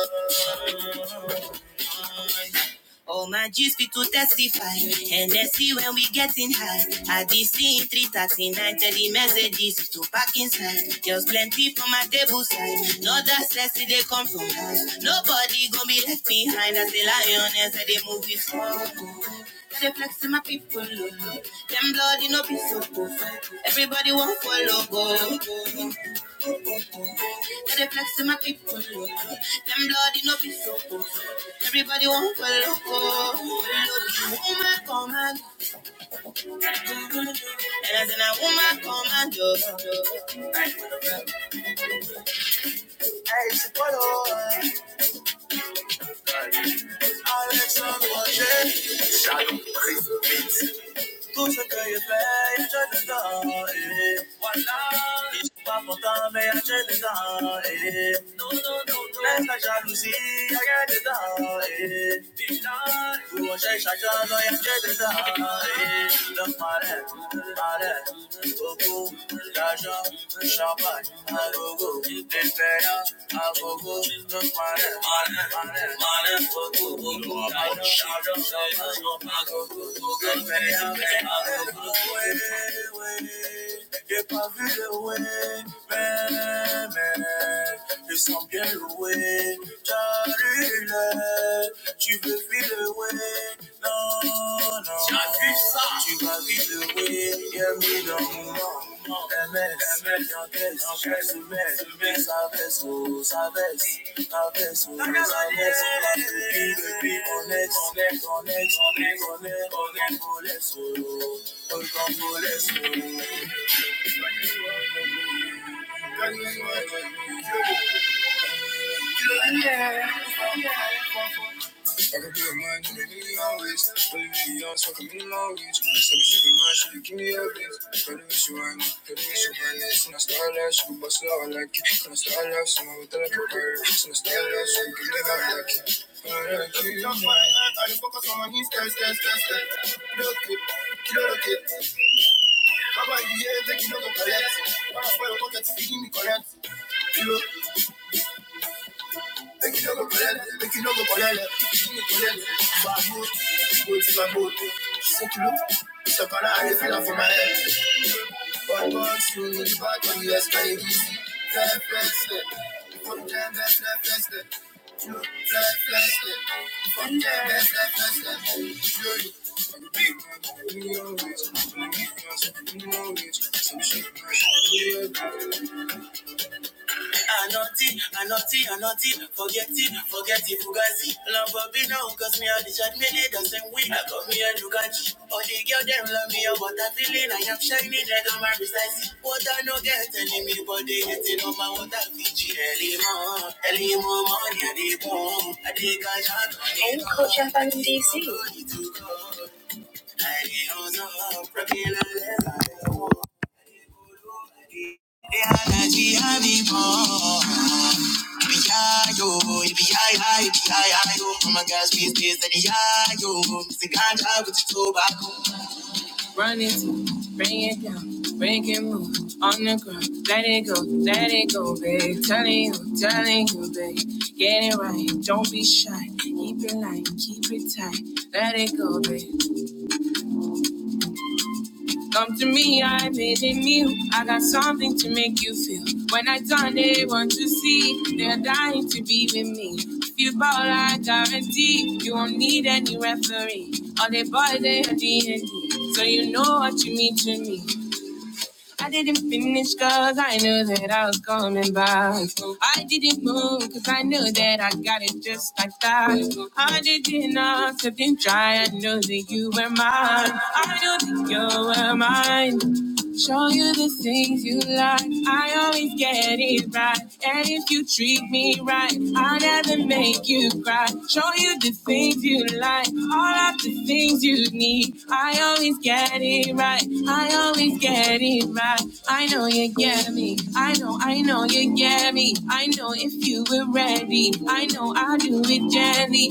Speaker 1: All my G's fit to testify. And let's see when we getting high. I did see in 339, tell the messages to pack inside. There's plenty for my table side. No that sexy, they come from house. Nobody gonna be left behind. As the lioness, as they move it forward. They flex to my people, oh, oh. Them bloody no be so cool. Everybody want follow, go. And the flex in my people. Them bloody no be so cool. Everybody want for loco. Woman command. And as in a woman command. yo. Hey, she follow. Alexandre Roger. Tout ce que je fais, je te donne. Voilà. Pas pourtant, mais je te donne. Laisse ta jolie, regarde dedans. Get away, man, man. It's some get away, Tu me fais le way, non, non. J'appuie ça. Tu vas vivre le way, bienvenue dans mon monde. MS, MS, j'en baisse, j'en baisse, j'en baisse, ça baisse, oh, ça baisse, ça baisse, oh, ça baisse, ça baisse. Depuis, depuis, on est, on est, on est, on est, on est, on est, on laisse, oh, oh, quand on laisse, oh, oh, oh, oh, oh, oh, Give me more wings, stop shaking my shit, give me your wings. Tell me what you want, tell me what you want. It's not style life, so boss it out like it. It's not style life, so I'm with that. It's not style life, so we give me how I like it. I like it. That's why I, I focus on my knees, guys, guys, guys, guys. Look it, kill it, kill it. Baba, you hear, take it, no go collect. That's why your pocket is giving me correct. You know. Making all the bread, making all the bread, making all the bread. My boot, boot in my boot. Shake it up, step on it, feel it my head. Bad boys, you need the bad money, yes, baby. Fly, fly, step. From time, fly, fly, fly, step. Fly, fly, step. From time, fly, fly, fly, step. Anointing, anointing, anointing, forget it, forget it, fugazi. Lamborghini don't cause me all the shot, me need the same way. I got me a Ducati. All the girls them love me, oh, but I feeling I am shining, they got my precisely. What I no get enemy, but they hating on my water Fiji. Elimo, Elimo, money, I dey boom, I dey cash out. Any coach FIC. Oh my gosh, we is that yo. Mr. Ganja with the tobacco. Run into, bring it down, break it move on the ground. Let it go, let it go, babe. Telling you, telling you, babe. Get it right, don't be shy. Keep it light, keep it tight. Let it go, babe. Come to me, I made a meal. I got something to make you feel. When I done, they want to see. They're dying to be with me. If you ball, I guarantee you won't need any rain. so I didn't finish cause I knew that I was coming back. I didn't move cause I knew that I got it just like that. I didn't ask, I didn't try. I knew that you were mine. I knew that you were mine. Show you the things you like. I always get it right. And if you treat me right, I never mind you be. You know I am barely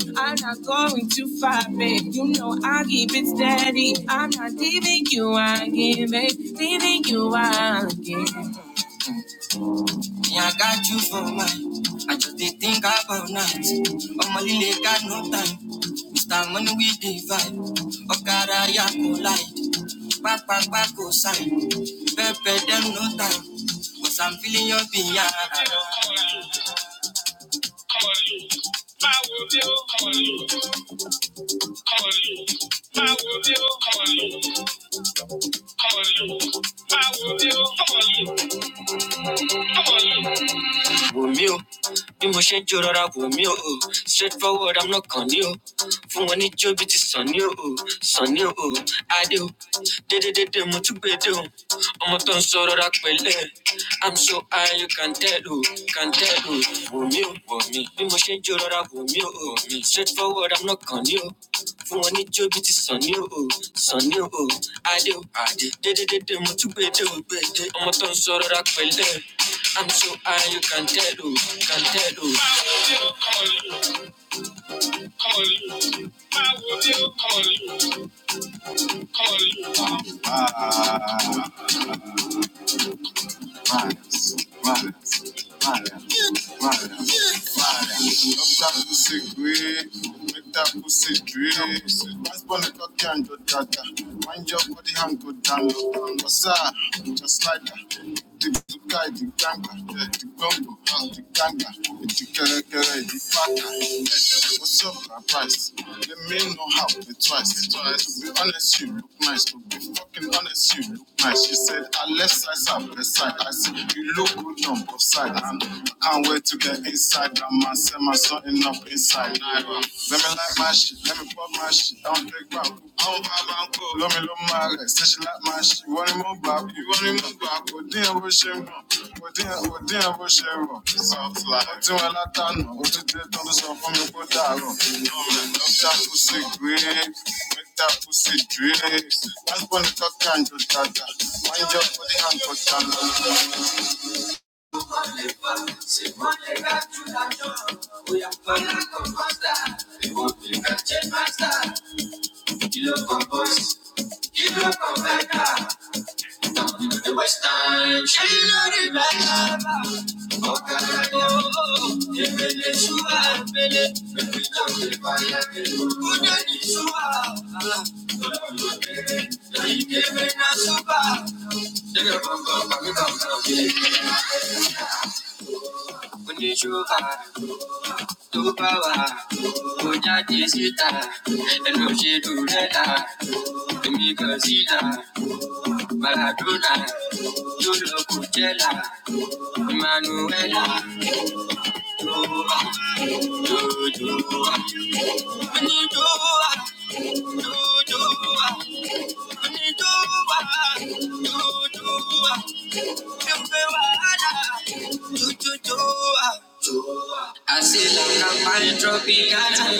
Speaker 1: going five, babe. You know I keep it steady. I'm not leaving you out, babe. Leaving you out again. Yeah, I got you for life. I just did think about nights. Oh, my lily got no time. Mr. Money with the vibe. Oh, God, I am collide. Back, back, back, go sign. Pepe, them no time. Cause I'm feeling your behind. wò mí o bí mo ṣe ń jó rọra wò mí o straight forward i'm not kàn ní o fún wọn ní jó bí ti sàn ní o sàn ní o adé o dédédédé mo tún gbé dé o ọmọ tó ń sọ rọra pẹ̀lẹ́ i'm so high you can tell o can tell o wò mí o wò mí bí mo ṣe ń jó rọra wò mí o straight forward i'm not kàn ní o fún ọ ní jógi ti sàn ní òò sàn ní òò adé ò mo tún gbèdé ò gbèdé ọmọ tó ń rọra pẹ̀lẹ́ i'm so high you can not tell oh, can not tell oh. Riders, riders, riders, riders, riders. Love that pussy grey, make that pussy drip. Last born a cocky and go dada. Mind your body and go down low. What's up? Just like that. The guy, the ganga, the gumbo, the ganga, the kere the faka. What's up, my price? Let me know how it twice. To be honest, you look nice. To be fucking honest, you look Nice. She said, I left side, side, left side. I said, you look good on both sides. And I can't wait to get inside. That man said my something up inside. Let me like my shit, let me pop my shit. I don't take back. I don't buy bank. Let me, love my rest. Say she like my shit. You want him on back. You want him on Òdíwọ̀n bó ṣe mọ̀, òdíwọ̀n òdíwọ̀n bó ṣe rọ̀, sọ̀fla. Ó tí wọn látànà, ojúde tó ń sọ fún mi kó dàrọ̀. do that sí gbére, dókítà kù sí dìré. Wọ́n gbọ́ ní tọ́kà ń jọ dàgbà, wọ́n jọ fọ́lẹ́ hàn kọjá lọ. It was time she loaded my lava. Oh, caramba, de Venezuela, Vele, me pido que vaya que una ni suba. Todo lo que hay que ven a suba. De que pongo pa' mi compro, tó bá wà ó jáde síta ẹnu Emmanuela, Dua, Dua, Onidua, Dua, Onidua, Dua, Efe wahala, Dudu Dua. I see like a fine tropiana.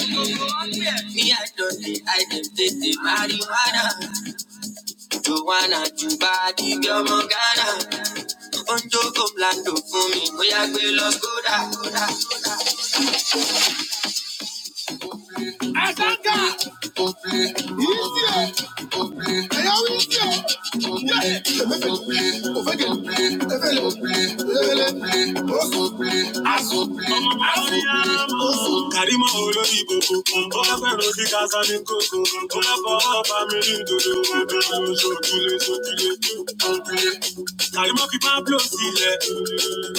Speaker 1: Me, I don't need I can take the marijuana. Joanna, Juba, the girl, Morgana. Oúnjẹ kò blando fún mi, bóyá gbé lọ kódà. I want you. Karima olórí gbogbo, bọ́lá di orí kásá ní kókó, bọ́lá fọwọ́ bá mi ní dodo, sojúlé Karima fi Pablo sílẹ̀,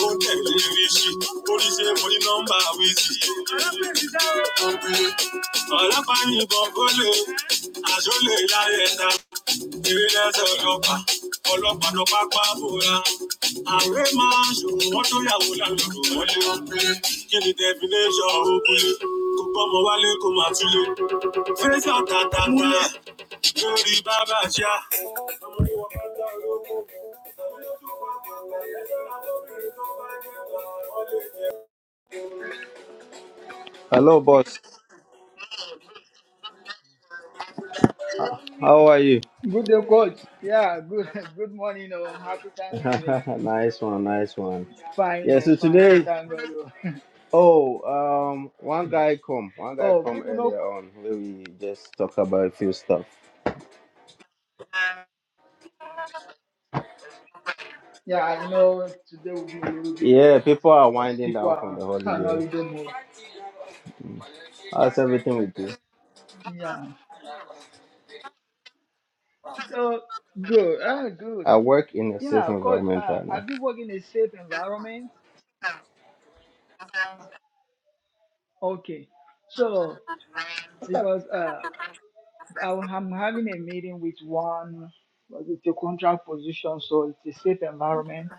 Speaker 1: ó ń tẹ̀lé Ríṣì, number wizi. ní nọ́mbà wíṣì. Ọlọ́pàá yìnbọn kólé, Hello, boss. How are you?
Speaker 3: Good day, coach. Yeah, good good morning, oh, happy Thanksgiving.
Speaker 1: nice one, nice one.
Speaker 3: Fine,
Speaker 1: Yeah,
Speaker 3: oh,
Speaker 1: so
Speaker 3: fine. We
Speaker 1: today
Speaker 3: thank God. Oh,
Speaker 1: Oh, um, one guy come, one guy
Speaker 3: Oh,
Speaker 1: come
Speaker 3: people know
Speaker 1: earlier on. where We just talk about a few stuff.
Speaker 3: yeah, you know, today will be a little bit
Speaker 1: Yeah,
Speaker 3: less
Speaker 1: people
Speaker 3: busy
Speaker 1: are
Speaker 3: because
Speaker 1: winding
Speaker 3: people
Speaker 1: down from
Speaker 3: are
Speaker 1: the
Speaker 3: on
Speaker 1: holiday.
Speaker 3: holiday mode.
Speaker 1: How's everything with you?
Speaker 3: Yeah. So good. Ah, good.
Speaker 1: I work in a safe
Speaker 3: Yeah, coach,
Speaker 1: environment
Speaker 3: uh,
Speaker 1: right
Speaker 3: have
Speaker 1: now.
Speaker 3: you worked in a safe environment? Okay. So because uh I'll- I'm having a meeting with one with a contract position, so it's a safe environment.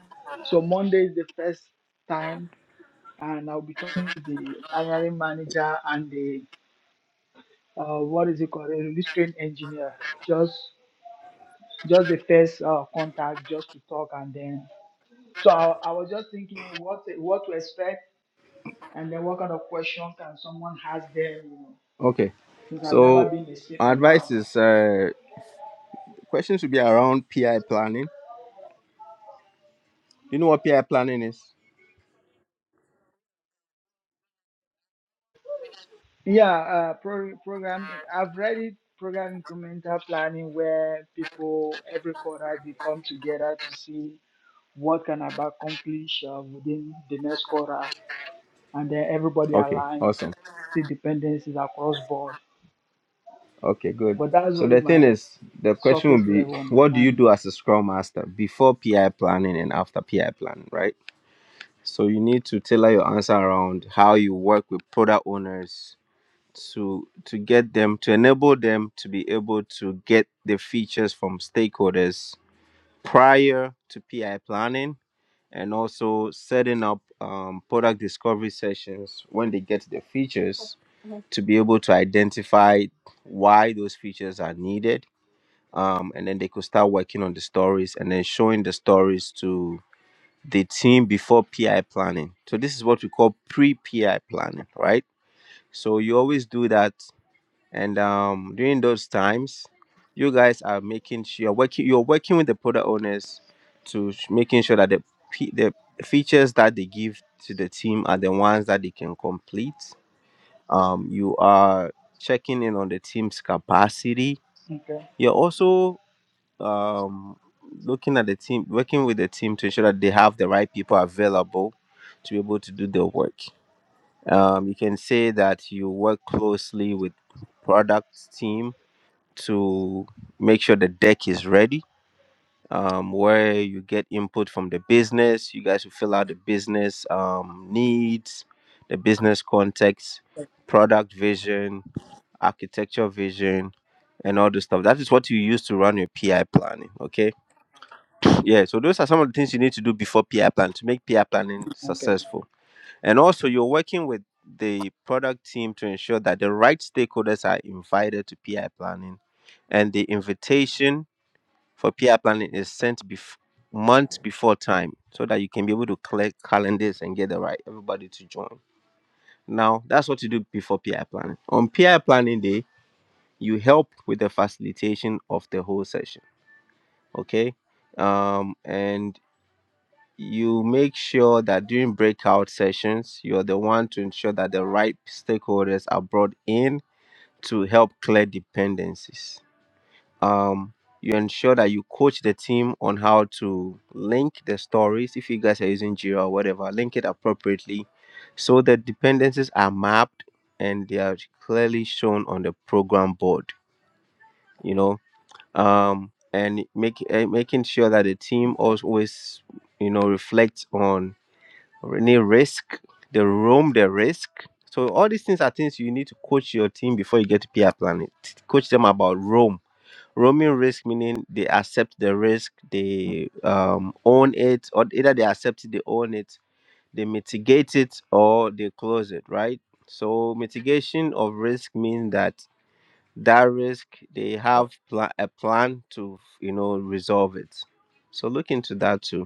Speaker 3: So Monday is the first time, and I'll be talking to the hiring manager and the uh, what is it called, a release train engineer. Just just the first uh, contact, just to talk, and then. So I, I was just thinking what what to expect, and then what kind of question can someone ask them, you know,
Speaker 1: Okay,
Speaker 3: since I've never
Speaker 1: so
Speaker 3: been in a safe
Speaker 1: my advice
Speaker 3: environment.
Speaker 1: is uh, questions should be around PI planning. Do you know what PI planning is?
Speaker 3: Yeah, uh, pro- program. I've read it. Program incremental planning, where people every quarter they come together to see what can I accomplish uh, within the next quarter, and then everybody
Speaker 1: Okay,
Speaker 3: aligns,
Speaker 1: awesome.
Speaker 3: see dependencies across board.
Speaker 1: Okay, good.
Speaker 3: But that's
Speaker 1: So
Speaker 3: only
Speaker 1: the thing
Speaker 3: my
Speaker 1: is, the question will
Speaker 3: surface
Speaker 1: be,
Speaker 3: level
Speaker 1: what do you
Speaker 3: understanding.
Speaker 1: do as a Scrum Master before PI planning and after PI planning, right? So you need to tailor your answer around how you work with product owners to to get them to enable them to be able to get the features from stakeholders prior to PI planning and also setting up um, product discovery sessions when they get the features to be able to identify why those features are needed um, and then they could start working on the stories and then showing the stories to the team before PI planning. So this is what we call pre-PI planning, right? So you always do that, and um, during those times, you guys are making sure you're working you're working with the product owners to sh- making sure that the p- the features that they give to the team are the ones that they can complete. Um, you are checking in on the team's capacity.
Speaker 3: Okay.
Speaker 1: You're also um looking at the team working with the team to ensure that they have the right people available to be able to do their work um you can say that you work closely with product team to make sure the deck is ready um where you get input from the business you guys will fill out the business um needs the business context product vision architecture vision and all the stuff that is what you use to run your pi planning okay yeah, so those are some of the things you need to do before PR plan to make PR planning
Speaker 3: Okay.
Speaker 1: successful. And also, you're working with the product team to ensure that the right stakeholders are invited to PR planning, and the invitation for PR planning is sent bef- months before time so that you can be able to collect calendars and get the right everybody to join. Now, that's what you do before PR planning. On PR planning day, you help with the facilitation of the whole session. Okay um and you make sure that during breakout sessions, you're the one to ensure that the right stakeholders are brought in to help clear dependencies. Um, you ensure that you coach the team on how to link the stories, if you guys are using Jira or whatever, link it appropriately so the dependencies are mapped and they are clearly shown on the program board, you know. Um, and make, eh, making sure that the team also always, you know, reflects on any risk, the roam, the risk. So all these things are things you need to coach your team before you get to peer planning. Coach them about roam. Roaming risk meaning they accept the risk, they um, own it, or either they accept it, they own it, they mitigate it, or they close it, right? So mitigation of risk means that that risk they have pla- a plan to you know resolve it. So look into that too.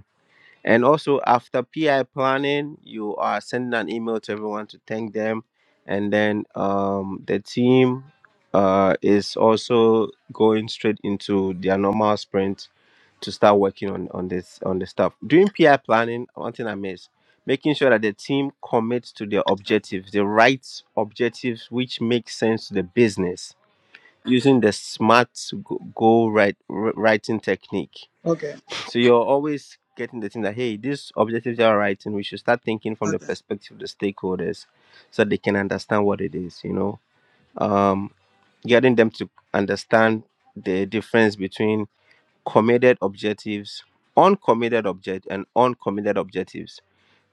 Speaker 1: And also, after PI planning, you are sending an email to everyone to thank them. And then um, the team uh, is also going straight into their normal sprint to start working on, on this on the stuff. During PI planning, one thing I miss, making sure that the team commits to their objectives, the right objectives which make sense to the business, using the smart go- goal write, writing technique
Speaker 3: Okay.
Speaker 1: so you're always getting the thing that hey, these objectives you are writing, we should start thinking from the
Speaker 3: Okay.
Speaker 1: perspective of the stakeholders, so they can understand what it is. You know, um, getting them to understand the difference between committed objectives, uncommitted object, and uncommitted objectives.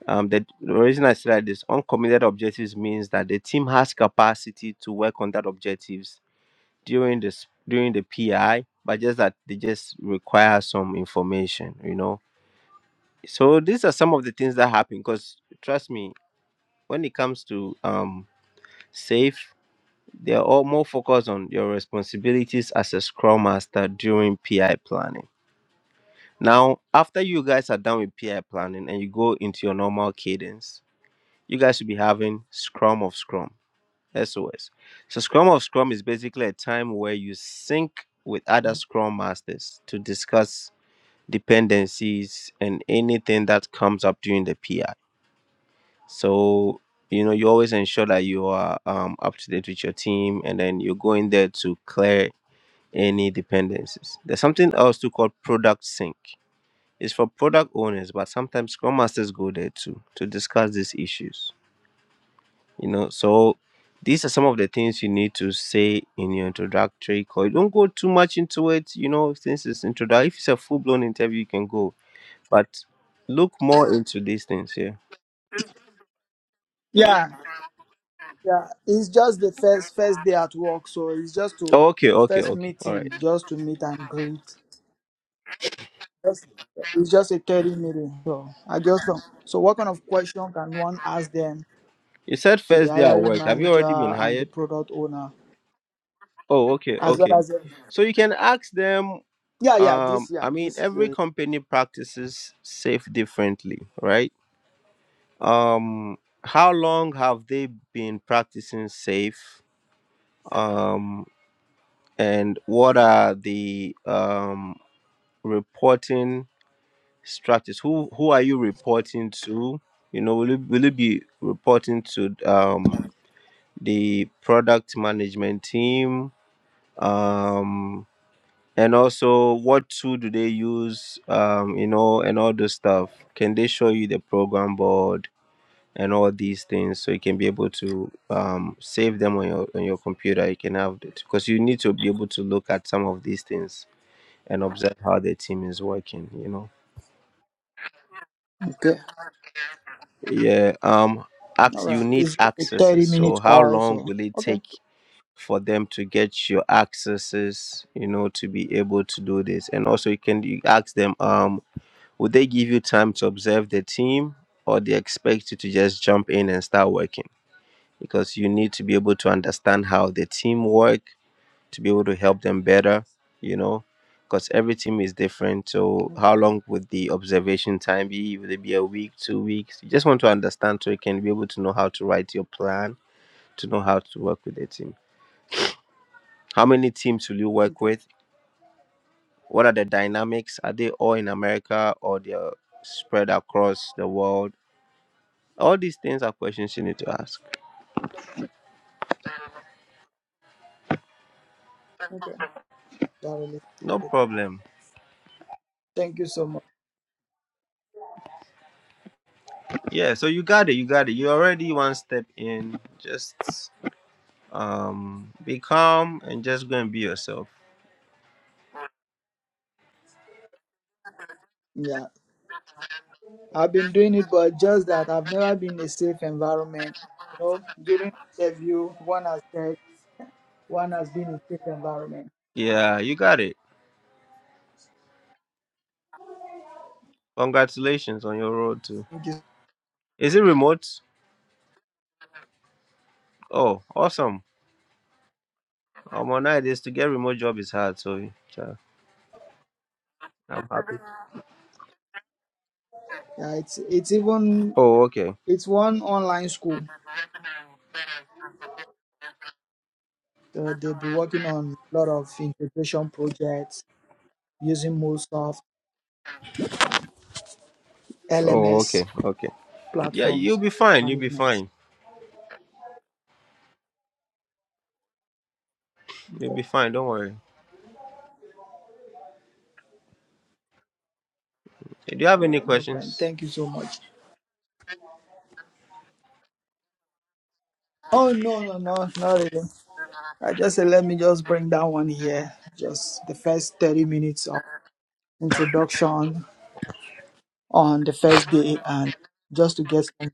Speaker 1: Um, the, the reason I said this uncommitted objectives means that the team has capacity to work on that objectives during this during the PI, but just that they just require some information. You know so these are some of the things that happen because trust me, when it comes to um safe, they're all more focused on your responsibilities as a scrum master during PI planning. Now, after you guys are done with PI planning and you go into your normal cadence, you guys should be having Scrum of Scrum, SOS. So Scrum of Scrum is basically a time where you sync with other Scrum masters to discuss dependencies and anything that comes up during the PI. So, you know, you always ensure that you are um, up to date with your team and then you go in there to clear any dependencies. There's something else too called product sync. It's for product owners, but sometimes Scrum Masters go there too to discuss these issues. You know, so these are some of the things you need to say in your introductory call. Don't go too much into it, you know, since it's introductory. If it's a full blown interview, you can go, but look more into these things here.
Speaker 3: Yeah. Yeah. It's just the first first day at work, so it's just to
Speaker 1: Oh, okay, okay,
Speaker 3: first
Speaker 1: okay. All right.
Speaker 3: meeting, just to meet and greet. Yes, It's just a 30 meeting. So I just don't. So what kind of question can one ask them
Speaker 1: You said
Speaker 3: to the
Speaker 1: first day at
Speaker 3: hiring
Speaker 1: work. Have you already been
Speaker 3: manager and the
Speaker 1: hired?
Speaker 3: product owner
Speaker 1: Oh, okay,
Speaker 3: as well
Speaker 1: okay.
Speaker 3: as
Speaker 1: So you can ask them.
Speaker 3: yeah, yeah,
Speaker 1: Um,
Speaker 3: this yeah,
Speaker 1: I mean,
Speaker 3: this is
Speaker 1: every
Speaker 3: a,
Speaker 1: company practices safe differently, right? Um, how long have they been practicing safe? Um, and what are the um, reporting structures? Who who are you reporting to? You know, will you will you be reporting to um, the product management team? Um, and also what tool do they use um you know and all those stuff can they show you the program board and all these things so you can be able to um save them on your on your computer you can have it because you need to be able to look at some of these things and observe how the team is working you know
Speaker 3: okay.
Speaker 1: yeah um
Speaker 3: All
Speaker 1: ac- you
Speaker 3: right.
Speaker 1: need
Speaker 3: It's just a
Speaker 1: accesses
Speaker 3: 30
Speaker 1: so
Speaker 3: minute
Speaker 1: how
Speaker 3: call,
Speaker 1: long
Speaker 3: so
Speaker 1: will it
Speaker 3: okay,
Speaker 1: take for them to get your accesses you know to be able to do this and also you can you ask them um. Would they give you time to observe the team or they expect you to just jump in and start working? Because you need to be able to understand how the team work to be able to help them better, you know, because every team is different. So how
Speaker 3: okay,
Speaker 1: long would the observation time be? Would it be a week, two weeks? You just want to understand so you can be able to know how to write your plan, to know how to work with the team. How many teams will you work
Speaker 3: okay,
Speaker 1: with? What are the dynamics? Are they all in America or they're spread across the world? All these things are questions you need to ask.
Speaker 3: okay. That really
Speaker 1: No
Speaker 3: good.
Speaker 1: problem.
Speaker 3: Thank you so much.
Speaker 1: Yeah, so you got it, you got it. You're already one step in. Just um be calm and just go and be yourself.
Speaker 3: Yeah. I've been doing it but just that I've never been in a safe environment. You know, during interview, one has said one has been in a safe environment.
Speaker 1: Yeah, you got it. Congratulations on your road too.
Speaker 3: Thank you.
Speaker 1: Is it remote? Oh, awesome. Um on night is to get remote job is hard, so yeah, I'm happy.
Speaker 3: Yeah, it's it's even
Speaker 1: Oh, okay.
Speaker 3: It's one online school. So they'll be working on a lot of integration projects using MuleSoft,
Speaker 1: Oh,
Speaker 3: LMS
Speaker 1: okay, okay. Yeah,
Speaker 3: platforms,
Speaker 1: you'll be fine, you'll be
Speaker 3: management.
Speaker 1: fine. You'll
Speaker 3: Okay.
Speaker 1: be fine, don't worry. Do you have
Speaker 3: All
Speaker 1: any
Speaker 3: right, no problem.
Speaker 1: questions?
Speaker 3: Thank you so much. Oh no, no, no, not really. I just said let me just bring that one here. Just the first thirty minutes of introduction on the first day and just to get some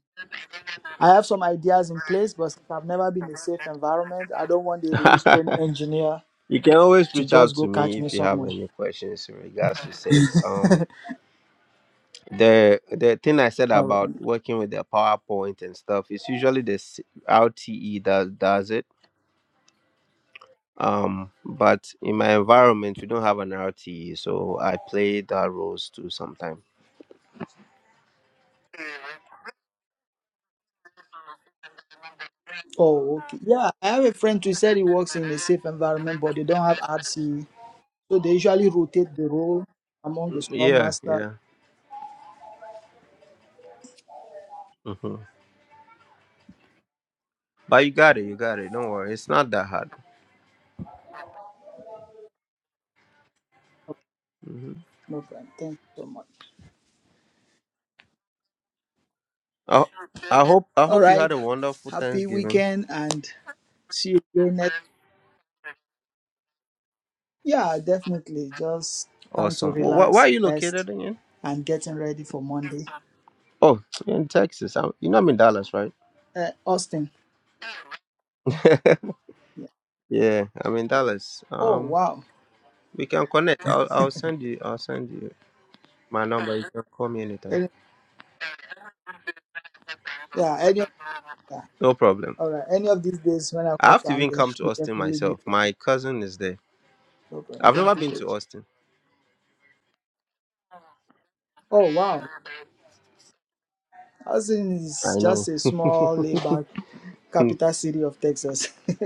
Speaker 3: I have some ideas in place, but since I've never been in a safe environment, I don't want the release train engineer
Speaker 1: You can always
Speaker 3: to
Speaker 1: reach
Speaker 3: just
Speaker 1: out
Speaker 3: go
Speaker 1: to
Speaker 3: catch
Speaker 1: me
Speaker 3: me
Speaker 1: if you have
Speaker 3: somewhere.
Speaker 1: any questions in regards to safe. Um, the the thing I said
Speaker 3: All
Speaker 1: about
Speaker 3: right.
Speaker 1: working with the PowerPoint and stuff is usually the s- R T E that does it. Um, but in my environment, we don't have an RTE, so I play that roles too sometimes.
Speaker 3: Oh, okay. Yeah, I have a friend who said he works in a safe environment, but they don't have RC. So they usually rotate the role among the
Speaker 1: Mm,
Speaker 3: scrum
Speaker 1: Yeah,
Speaker 3: master.
Speaker 1: yeah. hmm But you got it, you got it. Don't worry, it's not that hard. hmm
Speaker 3: No problem. Thank you so much.
Speaker 1: I, I hope I
Speaker 3: All
Speaker 1: hope you had
Speaker 3: right.
Speaker 1: a wonderful
Speaker 3: Happy
Speaker 1: Thanksgiving.
Speaker 3: weekend and see you again next. Yeah, definitely. Just trying to
Speaker 1: Awesome. Wh- wh- where
Speaker 3: relax,
Speaker 1: are you
Speaker 3: rest,
Speaker 1: located again?
Speaker 3: and getting ready for Monday.
Speaker 1: Oh, in Texas. i you know I'm in Dallas, right?
Speaker 3: Uh, Austin. Yeah.
Speaker 1: yeah, I'm in Dallas.
Speaker 3: Oh,
Speaker 1: Um,
Speaker 3: wow.
Speaker 1: we can connect. I'll I'll send you. I'll send you my number. You can call me anytime.
Speaker 3: Any, yeah, any of, yeah.
Speaker 1: No problem.
Speaker 3: All right. Any of these days when I
Speaker 1: I
Speaker 3: come
Speaker 1: have to
Speaker 3: down
Speaker 1: even
Speaker 3: there,
Speaker 1: come to
Speaker 3: we
Speaker 1: Austin
Speaker 3: definitely meet.
Speaker 1: myself. My cousin is there.
Speaker 3: No problem.
Speaker 1: I've never
Speaker 3: Thank you,
Speaker 1: been to
Speaker 3: coach.
Speaker 1: Austin.
Speaker 3: Oh, wow. Austin is
Speaker 1: I know.
Speaker 3: just a small, laid-back capital city of Texas.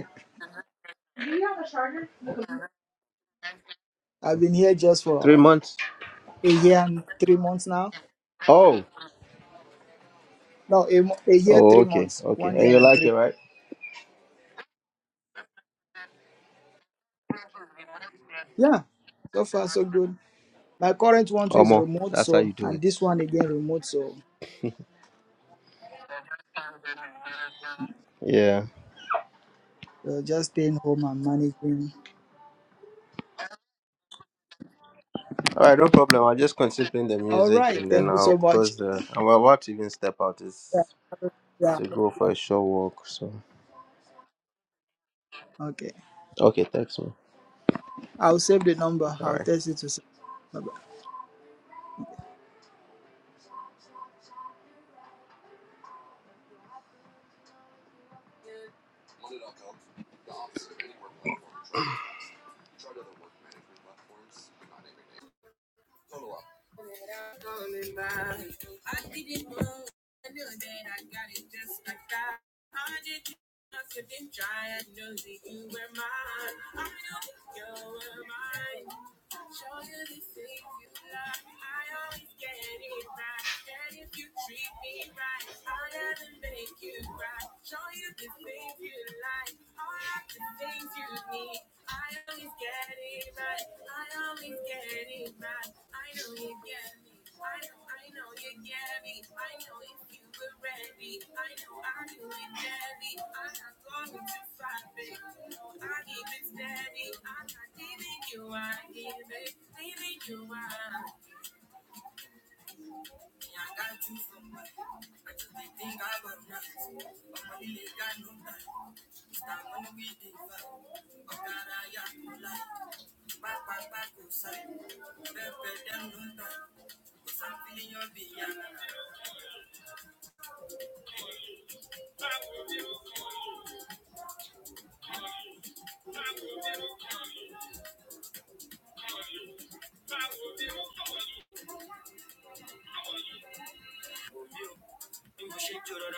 Speaker 3: I've been here just
Speaker 1: Three
Speaker 3: for
Speaker 1: months.
Speaker 3: a year and three months now.
Speaker 1: Oh.
Speaker 3: No, a, mo- a year,
Speaker 1: Oh,
Speaker 3: three
Speaker 1: okay,
Speaker 3: months.
Speaker 1: okay.
Speaker 3: One
Speaker 1: And
Speaker 3: year
Speaker 1: you
Speaker 3: and
Speaker 1: like
Speaker 3: three.
Speaker 1: it, right?
Speaker 3: Yeah, so far so good. My current one too is
Speaker 1: Omo,
Speaker 3: remote,
Speaker 1: that's how you
Speaker 3: so
Speaker 1: do
Speaker 3: and
Speaker 1: it.
Speaker 3: this one again remote, so,
Speaker 1: Yeah.
Speaker 3: so just staying home and managing.
Speaker 1: All right, no problem. I'll just consider the
Speaker 3: All
Speaker 1: music
Speaker 3: right,
Speaker 1: and then
Speaker 3: thank you
Speaker 1: I'll
Speaker 3: so much.
Speaker 1: close the. I'm about to even step out.
Speaker 3: Yeah,
Speaker 1: It's
Speaker 3: yeah,
Speaker 1: to go for
Speaker 3: yeah.
Speaker 1: a short walk. So,
Speaker 3: Okay,
Speaker 1: okay, thanks, man.
Speaker 3: I'll save the number.
Speaker 1: All
Speaker 3: I'll
Speaker 1: right.
Speaker 3: text it to. Bye-bye.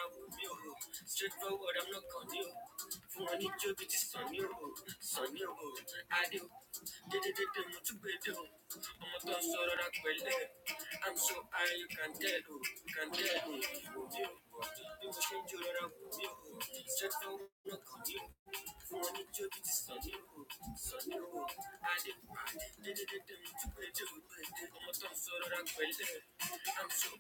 Speaker 1: vuramıyor Straightforward I'm not on you. kanıyor Furanıyor bizi sanıyor Sanıyor I do Dedi dedi mutlu ediyor Amadan sorarak belli I'm a gun, so that I will live. I'm so high you can tell who. You Can tell Vuruyor Bir başın cırara vuruyor Straightforward I'm not on kanıyor Furanıyor bizi sanıyor Sanıyor I do Dedi dedi mutlu ediyor Amadan sorarak belli I'm a gun, so that I will live. I'm so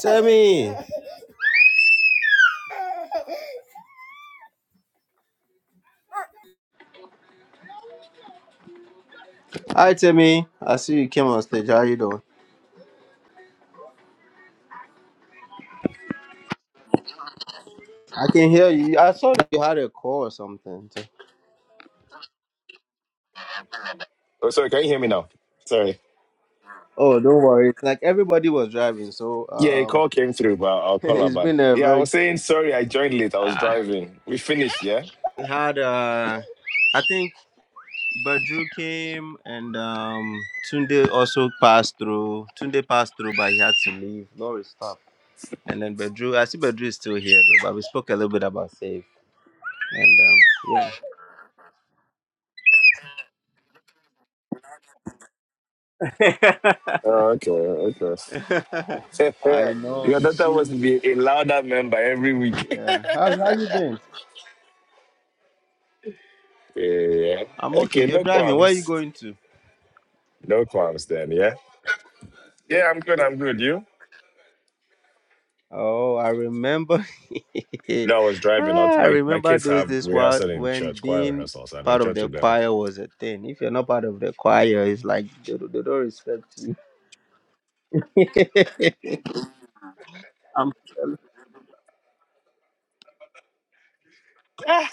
Speaker 1: Timmy, hi Timmy. I see you came on stage. How you doing? I can hear you. I saw that you had a call or something. So,
Speaker 4: Oh, sorry, can you hear me now? Sorry.
Speaker 1: Oh, don't worry. Like everybody was driving, so
Speaker 4: Yeah, a
Speaker 1: um,
Speaker 4: call came through, but I'll call her
Speaker 1: it's
Speaker 4: back.
Speaker 1: been a
Speaker 4: Yeah, I
Speaker 1: very
Speaker 4: was saying sorry, I joined late. I was driving. We finished, yeah?
Speaker 1: had uh I think Badru came and um Tunde also passed through. Tunde passed through but he had to leave. Lori stopped. And then Badru I see Badru is still here though, but we spoke a little bit about Save. And um yeah.
Speaker 4: Oh, okay, okay.
Speaker 1: I know.
Speaker 4: Your daughter
Speaker 1: She
Speaker 4: must be a louder member every week.
Speaker 1: yeah. How how you doing?
Speaker 4: yeah.
Speaker 1: I'm okay.
Speaker 4: Okay,
Speaker 1: You're
Speaker 4: no
Speaker 1: driving. Where are you
Speaker 4: qualms.
Speaker 1: going to?
Speaker 4: No qualms then, yeah? Yeah, I'm good, I'm good. You?
Speaker 1: Oh, I remember.
Speaker 4: No, I was driving
Speaker 1: Ah,
Speaker 4: out.
Speaker 1: I
Speaker 4: My my
Speaker 1: remember
Speaker 4: kids
Speaker 1: those
Speaker 4: have
Speaker 1: days while
Speaker 4: rehearsal in
Speaker 1: when
Speaker 4: church, choir
Speaker 1: being
Speaker 4: rehearsal, so I'm in
Speaker 1: part of
Speaker 4: church
Speaker 1: the
Speaker 4: with them.
Speaker 1: choir was a thing. If you're not part of the choir, it's like they, don't- they don't respect you. I'm telling.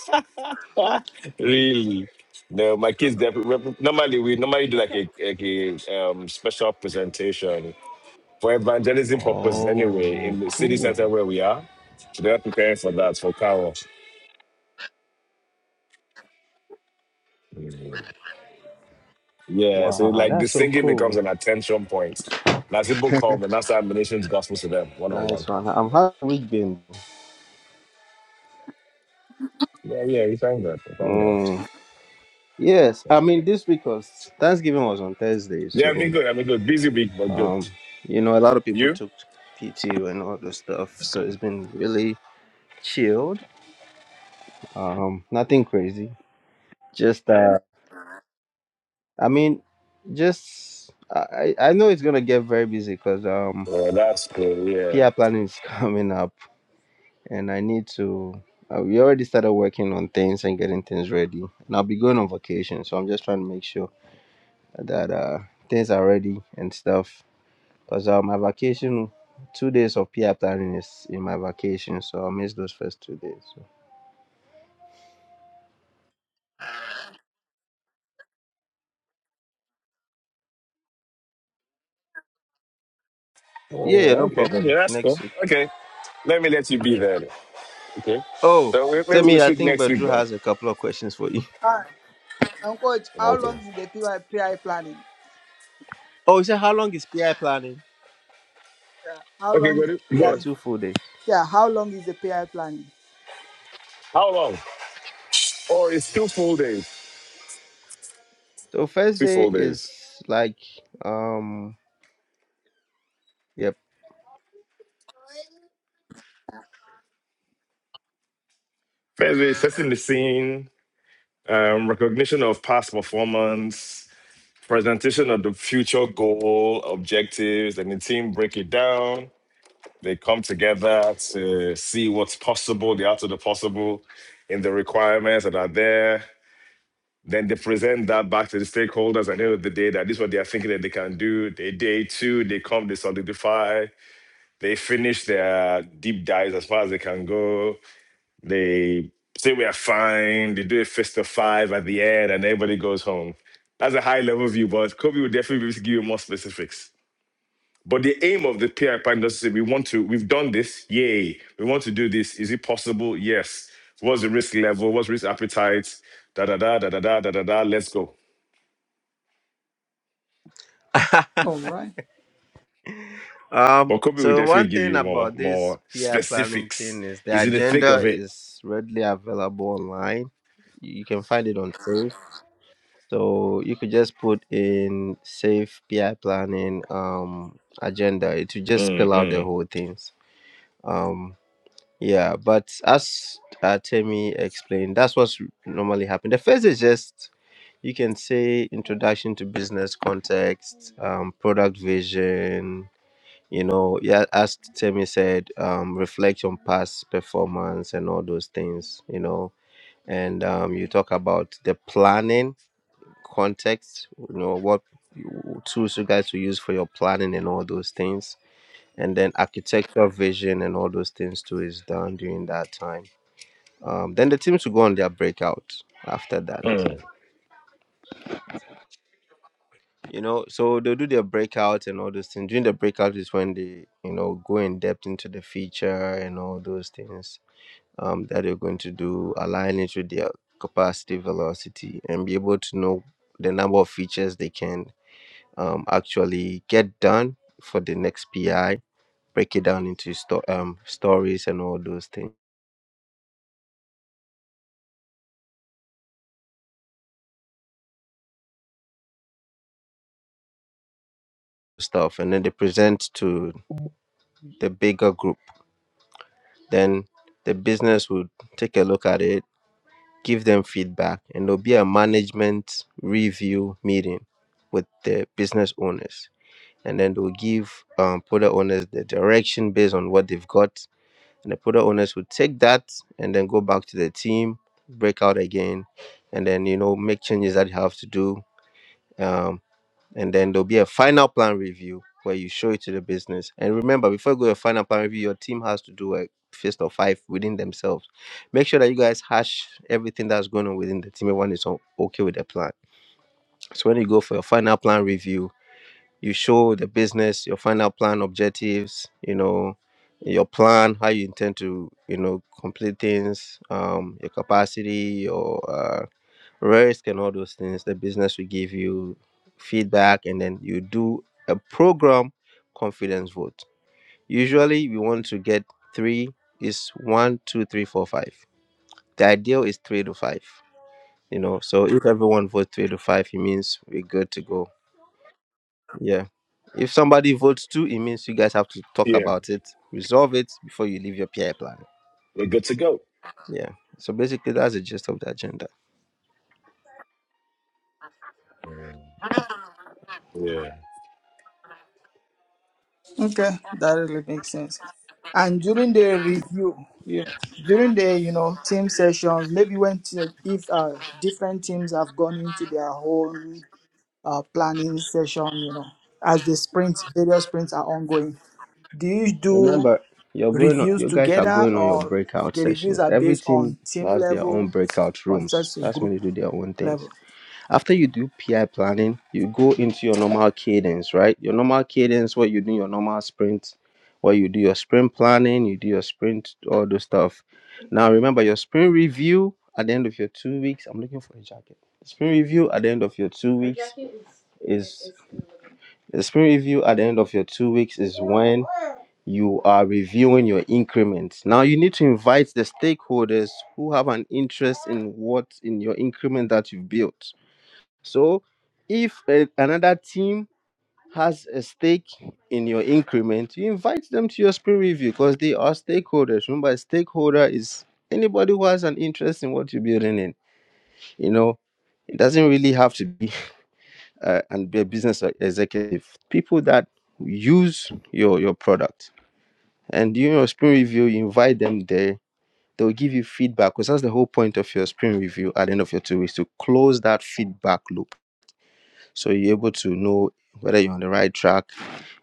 Speaker 4: really? No, my kids. They, normally, we normally do like a, like a um, special presentation for evangelism purposes. Anyway,
Speaker 1: Oh,
Speaker 4: in the city center
Speaker 1: cool!
Speaker 4: where we are, so they're preparing for that for Carol. Yeah, so
Speaker 1: Wow,
Speaker 4: like the
Speaker 1: that's so
Speaker 4: singing becomes
Speaker 1: cool.
Speaker 4: an attention point. And As people come, and that's our missions gospel to them one on
Speaker 1: Nice
Speaker 4: one.
Speaker 1: one. I'm happy we've been.
Speaker 4: Yeah, yeah, we thank God. We thank God.
Speaker 1: Mm. Yes, I
Speaker 4: Thank
Speaker 1: mean
Speaker 4: God.
Speaker 1: this because Thanksgiving was on Thursday,
Speaker 4: Yeah, I've
Speaker 1: so
Speaker 4: been good. I've been good. Busy week, but good.
Speaker 1: um, you know, a lot of people
Speaker 4: You?
Speaker 1: took PTO and all the stuff, so it's been really chilled. Um, nothing crazy. Just uh, I mean, just I I I know it's gonna get very busy because um,
Speaker 4: Oh, that's good. yeah.
Speaker 1: PR planning is coming up, and I need to. Uh, we already started working on things and getting things ready, and I'll be going on vacation, so I'm just trying to make sure that uh things are ready and stuff. Cause uh, my vacation, two days of PR planning is in my vacation, so I'll miss those first two days. So. Yeah,
Speaker 4: Oh,
Speaker 1: yeah, no
Speaker 4: okay.
Speaker 1: problem.
Speaker 4: Yeah, that's cool.
Speaker 1: Next week.
Speaker 4: Okay. Let me let you be there. then. Okay.
Speaker 1: Oh,
Speaker 4: So we-
Speaker 1: tell
Speaker 4: maybe we'll
Speaker 1: me, I
Speaker 4: shoot
Speaker 1: think
Speaker 4: next week,
Speaker 1: Badru
Speaker 4: bro.
Speaker 1: has a couple of questions for you.
Speaker 3: Ah, and coach, how long
Speaker 4: Okay.
Speaker 3: is the P I P I planning?
Speaker 1: Oh, he said, how long is PI planning?
Speaker 3: How
Speaker 4: Okay,
Speaker 3: long is
Speaker 4: but
Speaker 3: yeah,
Speaker 1: Yeah,
Speaker 4: but
Speaker 1: two full days.
Speaker 3: yeah, how long is the payout planning?
Speaker 4: how long? Oh, it's two full days.
Speaker 1: So first
Speaker 4: Two
Speaker 1: day
Speaker 4: full
Speaker 1: is
Speaker 4: days.
Speaker 1: like, um, yep.
Speaker 4: First day, setting the scene, um, recognition of past performance, presentation of the future goal, objectives, and the team break it down. They come together to see what's possible, the art of the possible, in the requirements that are there. Then they present that back to the stakeholders at the end of the day that this is what they are thinking that they can do. They day two, they come, they solidify, they finish their deep dives as far as they can go. They say we are fine, they do a fist of five at the end, and everybody goes home. That's a high level view, but Kobe will definitely be able to give you more specifics. But the aim of the PR plan is to say we want to, we've done this, yay. We want to do this. Is it possible? Yes. What's the risk level? What's risk appetite? Da da da da da da da da da. Let's go.
Speaker 3: All right.
Speaker 1: Um,
Speaker 4: But Kobe will
Speaker 1: so one
Speaker 4: definitely give
Speaker 1: thing
Speaker 4: you more
Speaker 1: about this
Speaker 4: more
Speaker 1: PI planning
Speaker 4: specifics.
Speaker 1: thing is the
Speaker 4: He's in the thick
Speaker 1: agenda
Speaker 4: of it.
Speaker 1: is readily available online. You can find it on Safe. So you could just put in Safe PI planning um agenda. It will just
Speaker 4: Mm,
Speaker 1: spell out the
Speaker 4: mm,
Speaker 1: whole things. um. Yeah, but as uh, Temi explained, that's what's normally happened. The first is just you can say introduction to business context, um, product vision. You know, yeah, as Temi said, um, reflect on past performance and all those things. You know, and um, you talk about the planning context. You know, what you- tools you guys will use for your planning and all those things, and then architectural vision and all those things too is done during that time um, then the teams will go on their breakout after that.
Speaker 4: mm.
Speaker 1: You know, so they'll do their breakout and all those things. During the breakout is when they, you know, go in depth into the feature and all those things um, that they're going to do, align it with their capacity, velocity, and be able to know the number of features they can um, actually get done for the next PI, break it down into sto- um, stories and all those things stuff and then they present to the bigger group Then the business would take a look at it, give them feedback, and there'll be a management review meeting with the business owners. And then they'll give um, product owners the direction based on what they've got. And the product owners would take that and then go back to the team, break out again, and then, you know, make changes that you have to do Um and then there'll be a final plan review where you show it to the business. And remember, before you go to a final plan review, your team has to do a fist of five within themselves. Make sure that you guys hash everything that's going on within the team. Everyone is o- okay with the plan. So when you go for your final plan review, you show the business your final plan objectives. You know your plan, how you intend to you know complete things, um, your capacity, your uh, risk and all those things. The business will give you feedback and then you do a program confidence vote. Usually we want to get three is one, two, three, four, five. The ideal is three to five. You know, so if everyone votes three to five, it means we're good to go. Yeah. If somebody votes two, it means you guys have to talk
Speaker 4: Yeah,
Speaker 1: about it, resolve it before you leave your PI plan.
Speaker 4: we're good to go.
Speaker 1: Yeah. So basically that's the gist of the agenda.
Speaker 4: Mm, yeah.
Speaker 3: Okay, that really makes sense. And during the review, yeah, during the you know team sessions, maybe when t- if uh different teams have gone into their own uh planning session, you know, as the sprints, various sprints are ongoing. Do you do
Speaker 1: Remember, you're going on,
Speaker 3: reviews
Speaker 1: you guys are
Speaker 3: together,
Speaker 1: going on your
Speaker 3: or
Speaker 1: breakout
Speaker 3: the reviews
Speaker 1: sessions.
Speaker 3: are
Speaker 1: Every
Speaker 3: based
Speaker 1: team
Speaker 3: on team
Speaker 1: has their own
Speaker 3: level,
Speaker 1: breakout
Speaker 3: or
Speaker 1: rooms.
Speaker 3: just a
Speaker 1: That's when
Speaker 3: group
Speaker 1: they do their own things.
Speaker 3: level?
Speaker 1: After you do PI planning, you go into your normal cadence, right? Your normal cadence where you do your normal sprint, where you do your sprint planning, you do your sprint, all those stuff. Now remember your sprint review at the end of your two weeks. I'm looking for a jacket. Sprint review at the end of your two weeks is the sprint review at the end of your two weeks is when you are reviewing your increment. Now you need to invite the stakeholders who have an interest in what in your increment that you've built. So if a, another team has a stake in your increment, you invite them to your sprint review because they are stakeholders. Remember, a stakeholder is anybody who has an interest in what you're building in. You know, it doesn't really have to be uh, and be a business executive. People that use your your product and during your spring review, you invite them there. They will give you feedback because that's the whole point of your spring review at the end of your two weeks to close that feedback loop. So you're able to know whether you're on the right track.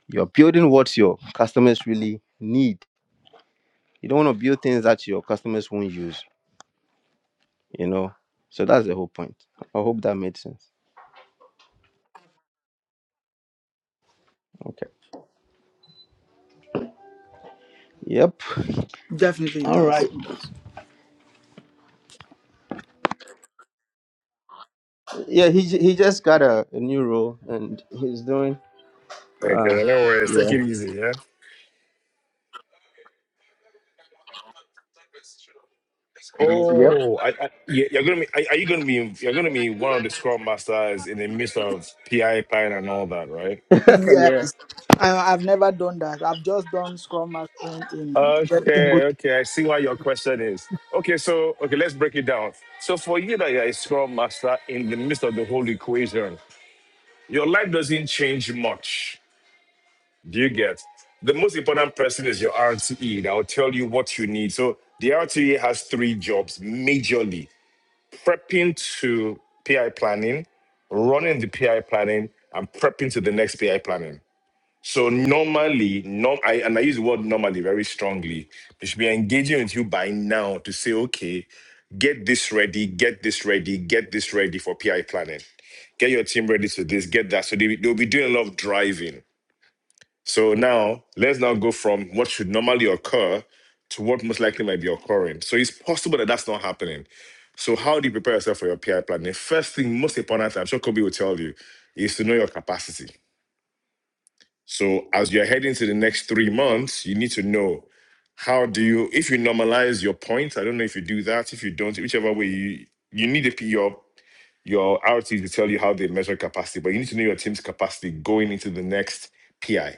Speaker 1: You're building what your customers really need. You don't want to build things that your customers won't use, you know? So that's the whole point. I hope that made sense. Okay. Yep.
Speaker 3: Definitely, it does. It does.
Speaker 1: Yeah, he ju- he just got a, a new role and he's doing uh
Speaker 4: Okay, no worries.
Speaker 1: yeah.
Speaker 4: Take it easy, yeah?
Speaker 1: Y- Yep.
Speaker 4: Oh, I, I, yeah, you're gonna be. Are, are you gonna be? You're gonna be one of the scrum masters in the midst of PI pine and all that, right?
Speaker 1: Okay, yeah.
Speaker 3: Yes. I, I've never done that. I've just done Scrum Mastering in just single.
Speaker 4: Okay, okay. I see why your question is. Okay, so okay, let's break it down. So for you that you're a scrum master in the midst of the whole equation, your life doesn't change much. Do you get? The most important person is your RTE that will tell you what you need. So the RTE has three jobs majorly prepping to PI planning, running the PI planning, and prepping to the next PI planning. So normally, norm, I, and I use the word normally very strongly, they should be engaging with you by now to say, okay, get this ready, get this ready, get this ready for PI planning. Get your team ready to this, get that. So they, they'll be doing a lot of driving so now let's now go from what should normally occur to what most likely might be occurring. So it's possible that that's not happening. So how do you prepare yourself for your PI planning? First thing, most important, I'm sure Kobe will tell you, is to know your capacity. So as you're heading to the next three months, you need to know how do you, if you normalize your points, I don't know if you do that, if you don't, whichever way you, you need to put your your RTs to tell you how they measure capacity, but you need to know your team's capacity going into the next PI.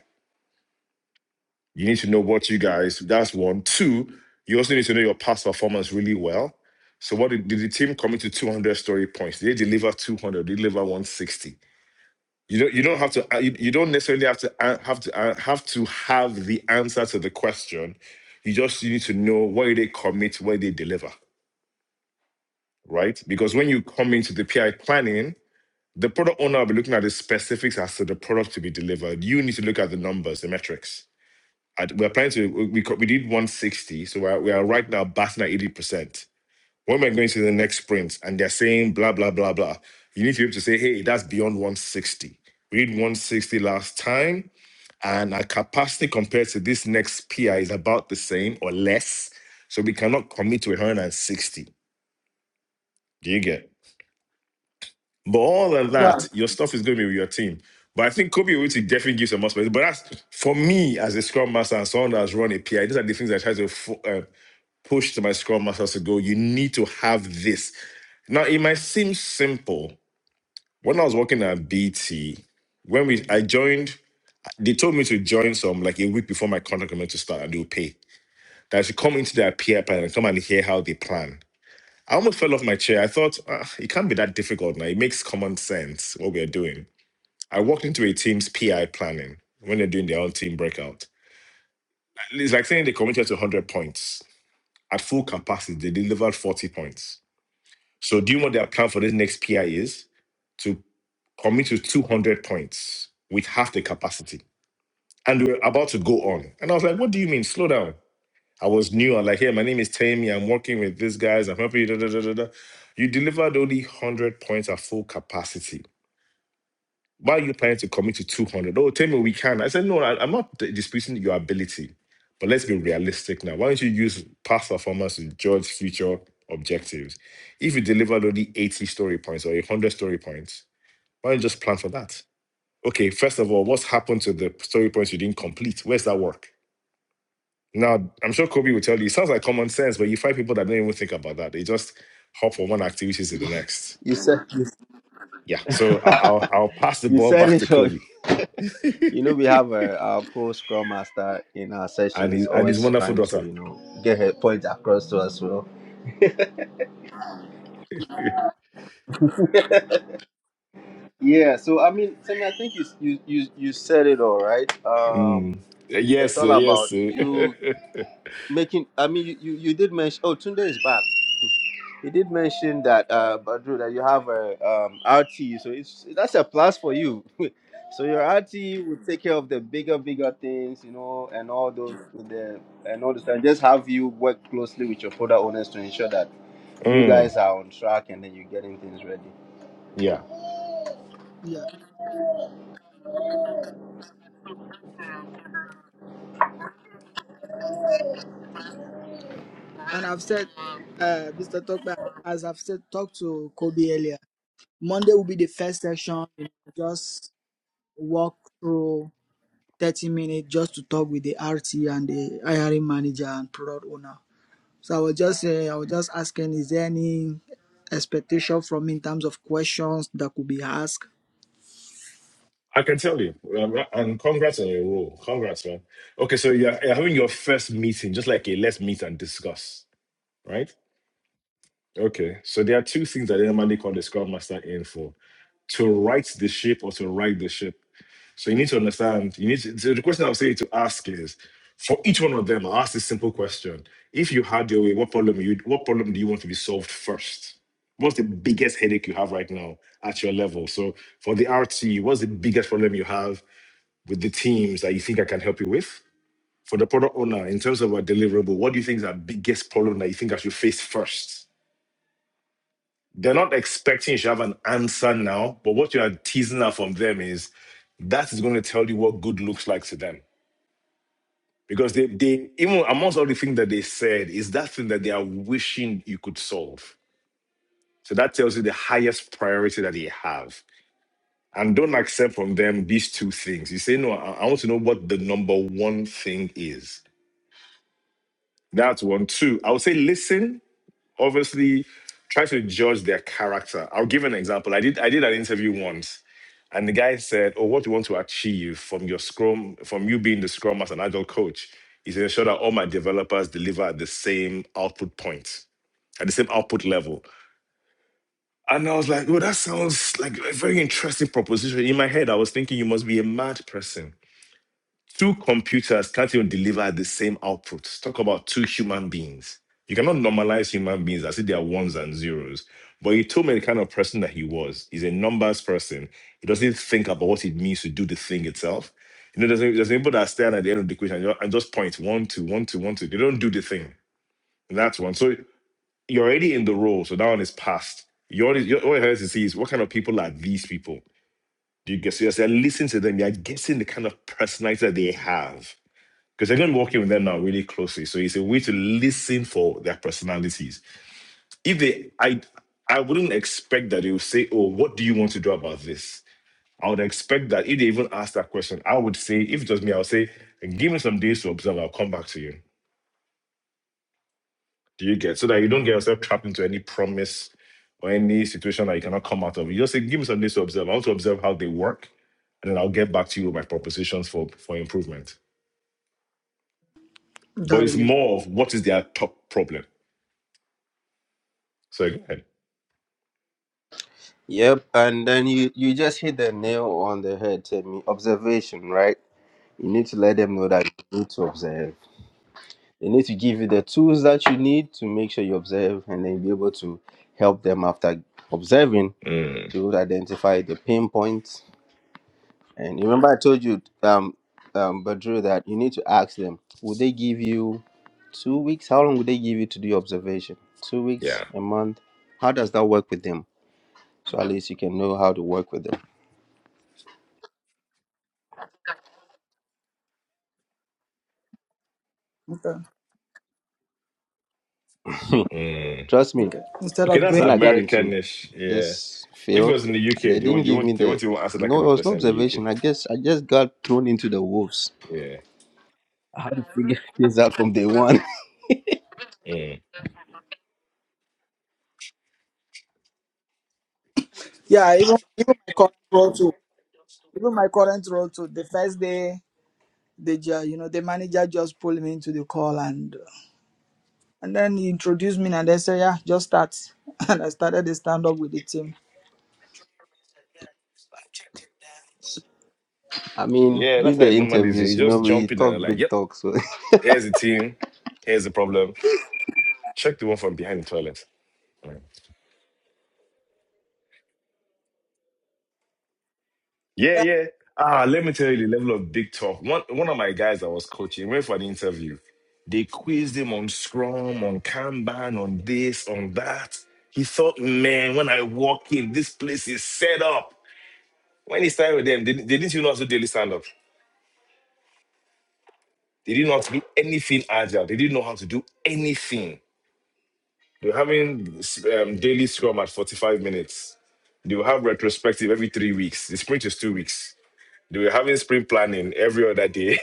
Speaker 4: You need to know what you guys. That's one. Two. You also need to know your past performance really well. So, what did, did the team commit to 200 story points? Did they deliver 200? Did they deliver 160? You don't. You don't have to. uh, You, you don't necessarily have to uh, have to uh, have to have the answer to the question. You just need to know where they commit, where they deliver, right? Because when you come into the PI planning, the product owner will be looking at the specifics as to the product to be delivered. You need to look at the numbers, the metrics I, we're planning to we we co- we did 160, so we're we are right now batting at 80 percent. When we're going to the next sprint, and they're saying blah blah blah blah, you need to be able to say, hey, that's beyond 160. We did 160 last time, and our capacity compared to this next PI is about the same or less, so we cannot commit to 160. Do you get? But all of
Speaker 3: Yeah.
Speaker 4: that, your stuff is going to be with your team. But I think Kobe Uti definitely gives them more space. But that's for me as a scrum master and someone that's run a PI. These are the things I try to fo- uh, push to my scrum masters to go, you need to have this. Now, it might seem simple. When I was working at BT, when we I joined, they told me to join some like a week before my contract was meant to start and they would pay. That I should come into their peer plan and come and hear how they plan. I almost fell off my chair. I thought, "Ah, it can't be that difficult now. It makes common sense what we're doing. I walked into a team's PI planning when they're doing their own team breakout. It's like saying they committed to 100 points. At full capacity, they delivered 40 points So do you want the account for this next PI is to commit to 200 points with half the capacity? And we were about to go on. And I was like, what do you mean? Slow down. I was new. I'm like, hey, my name is Tammy. I'm working with these guys. I'm helping you. Da, da, da, da, da. You delivered only 100 points at full capacity. Why are you planning to commit to 200? Oh, tell me we can. I said, no, I, am not d- disputing your ability, but let's be realistic now. Why don't you use past performance to judge future objectives? If you delivered only 80 story points or 100 story points, why don't you just plan for that? Okay, first of all, what's happened to the story points you didn't complete? Where's that work? Now, I'm sure Kobe will tell you, it sounds like common sense, but you find people that don't even think about that. They just hop from one activity to the next.
Speaker 1: You said
Speaker 4: Yeah, so I'll, I'll, I'll pass the
Speaker 1: you
Speaker 4: ball
Speaker 1: said
Speaker 4: back
Speaker 1: it
Speaker 4: to
Speaker 1: so
Speaker 4: Kobe.
Speaker 1: you know we have a, our pro scrum master in our
Speaker 4: and
Speaker 1: sessions
Speaker 4: his and his
Speaker 1: always
Speaker 4: wonderful
Speaker 1: trying to
Speaker 4: daughter.
Speaker 1: you know get her point across to us well yeah so i mean Timmy, i think you you you, you said it all right um
Speaker 4: Mm.
Speaker 1: it's
Speaker 4: Yes,
Speaker 1: all
Speaker 4: sir,
Speaker 1: about
Speaker 4: yes. sir.
Speaker 1: you making i mean you you, you did mention oh tunde is back You did mention that, uh, Badru, that you have a um, RT, so it's that's a plus for you. so your RT will take care of the bigger, bigger things, you know, and all those the and all this, and just have you work closely with your product owners to ensure that you
Speaker 4: Mm,
Speaker 1: guys are on track and then you're getting things ready.
Speaker 4: Yeah,
Speaker 3: Yeah. And I've said, uh, Mr. Tokba, as I've said, talked to Kobe earlier, Monday will be the first session. You know, just walk through 30 minutes just to talk with the RT and the hiring manager and product owner. So I was just uh, I was just asking, is there any expectation from me in terms of questions that could be asked?
Speaker 4: I can tell you. Um, And congrats on your role. Congrats, man. Okay, so you're, you're having your first meeting, just like a let's meet and discuss, right? Okay, so there are two things that they normally call the Scrum Master in for: to right the ship or to right the ship. So you need to understand. You need to, so the question I'll say to ask is for each one of them, i ask this simple question. If you had your way, what problem you what problem do you want to be solved first? What's the biggest headache you have right now at your level? So for the RT, what's the biggest problem you have with the teams that you think I can help you with? For the product owner, in terms of a deliverable, what do you think is our biggest problem that you think I should face first? They're not expecting you should have an answer now, but what you are teasing out from them is that is going to tell you what good looks like to them Because they, they even amongst all the things that they said, is that thing that they are wishing you could solve. So that tells you the highest priority that they have. And don't accept from them these two things. You say, no, I, I want to know what the number one thing is. That's one. Two, I would say listen, obviously, try to judge their character. I'll give an example. I did I did an interview once And the guy said, Oh, what do you want to achieve from your Scrum, from you being the Scrum as an agile coach, is to ensure that all my developers deliver at the same output point, at the same output level. And I was like, Oh, that sounds like a very interesting proposition. In my head, I was thinking you must be a mad person Two computers can't even deliver the same output. Talk about two human beings. You cannot normalize human beings as if they are ones and zeros. But he told me the kind of person that he was. He's a numbers person. He doesn't think about what it means to do the thing itself. You know, there's, a- there's people that stand at the end of the equation and ju- and just point one, two, one, two, one, two. They don't do the thing. And that's one. So you're already in the role. So that one is past. You already, you, all you have to see is what kind of people are these people? Do you guess? So you're listening to them. You're guessing the kind of personality that they have because they're going to be working with them now really closely. So it's a way to listen for their personalities. If they, I, I wouldn't expect that they will say, "Oh, what do you want to do about this?" I would expect that if they even ask that question, I would say, if it was me, I would say, "Give me some days to observe. I'll come back to you." Do you get so that you don't get yourself trapped into any promise or any situation that you cannot come out of? You just say, "Give me some days to observe. I want to observe how they work, and then I'll get back to you with my propositions for for improvement." But
Speaker 3: That
Speaker 4: it's
Speaker 3: really
Speaker 4: more of what is their top problem. So go ahead.
Speaker 1: Yep, and then you you just hit the nail on the head, Timmy. Observation, right? You need to let them know that you need to observe They need to give you the tools that you need to make sure you observe and then be able to help them after observing
Speaker 4: Mm,
Speaker 1: to identify the pain points. And you remember I told you, um, um, Badru, that you need to ask them, will they give you two weeks? How long will they give you to do your observation? Two weeks,
Speaker 4: yeah.
Speaker 1: a month? How does that work with them? So at least you can know how to work with
Speaker 3: okay.
Speaker 1: them.
Speaker 4: Mm.
Speaker 1: Trust me,
Speaker 3: Okay. Instead
Speaker 4: Okay,
Speaker 3: of
Speaker 4: that's
Speaker 3: going
Speaker 1: when I got into
Speaker 4: Americanish. Yeah.
Speaker 1: this
Speaker 4: If it
Speaker 1: field,
Speaker 4: was in the
Speaker 1: they
Speaker 4: UK, they
Speaker 1: didn't
Speaker 4: won't you
Speaker 1: give me
Speaker 4: won't they
Speaker 1: the
Speaker 4: won't even answer that
Speaker 1: no. It
Speaker 4: kind of
Speaker 1: was no
Speaker 4: question in the UK.
Speaker 1: observation. I guess I just got thrown into the wolves.
Speaker 4: Yeah.
Speaker 1: Yes, that from day one.
Speaker 4: Mm.
Speaker 3: Yeah, even even my current role too. Even my current role too. The first day, the ju- you know the manager just pulled me into the call and and then he introduced me and then said, yeah, just start. And I started the stand up with the team.
Speaker 1: I mean,
Speaker 4: Yeah,
Speaker 1: during
Speaker 4: that's how
Speaker 1: the
Speaker 4: it normally is. You
Speaker 1: interviews, you know,
Speaker 4: just
Speaker 1: we
Speaker 4: jump in
Speaker 1: talk
Speaker 4: and like,
Speaker 1: big
Speaker 4: yep,
Speaker 1: talk. So
Speaker 4: here's the team, here's the problem. Check the one from behind the toilet. Mm. Yeah,
Speaker 3: Yeah.
Speaker 4: yeah. Ah, let me tell you the level of big talk. One one of my guys I was coaching went for an interview. They quizzed him on Scrum, on Kanban, on this, on that. He thought, man, when I walk in, this place is set up. When he started with them, they they didn't even know how to daily stand up? They didn't know how to do anything agile. They didn't know how to do anything. They were having um, daily scrum at 45 minutes. They will have retrospective every three weeks. The sprint is two weeks. They were having sprint planning every other day.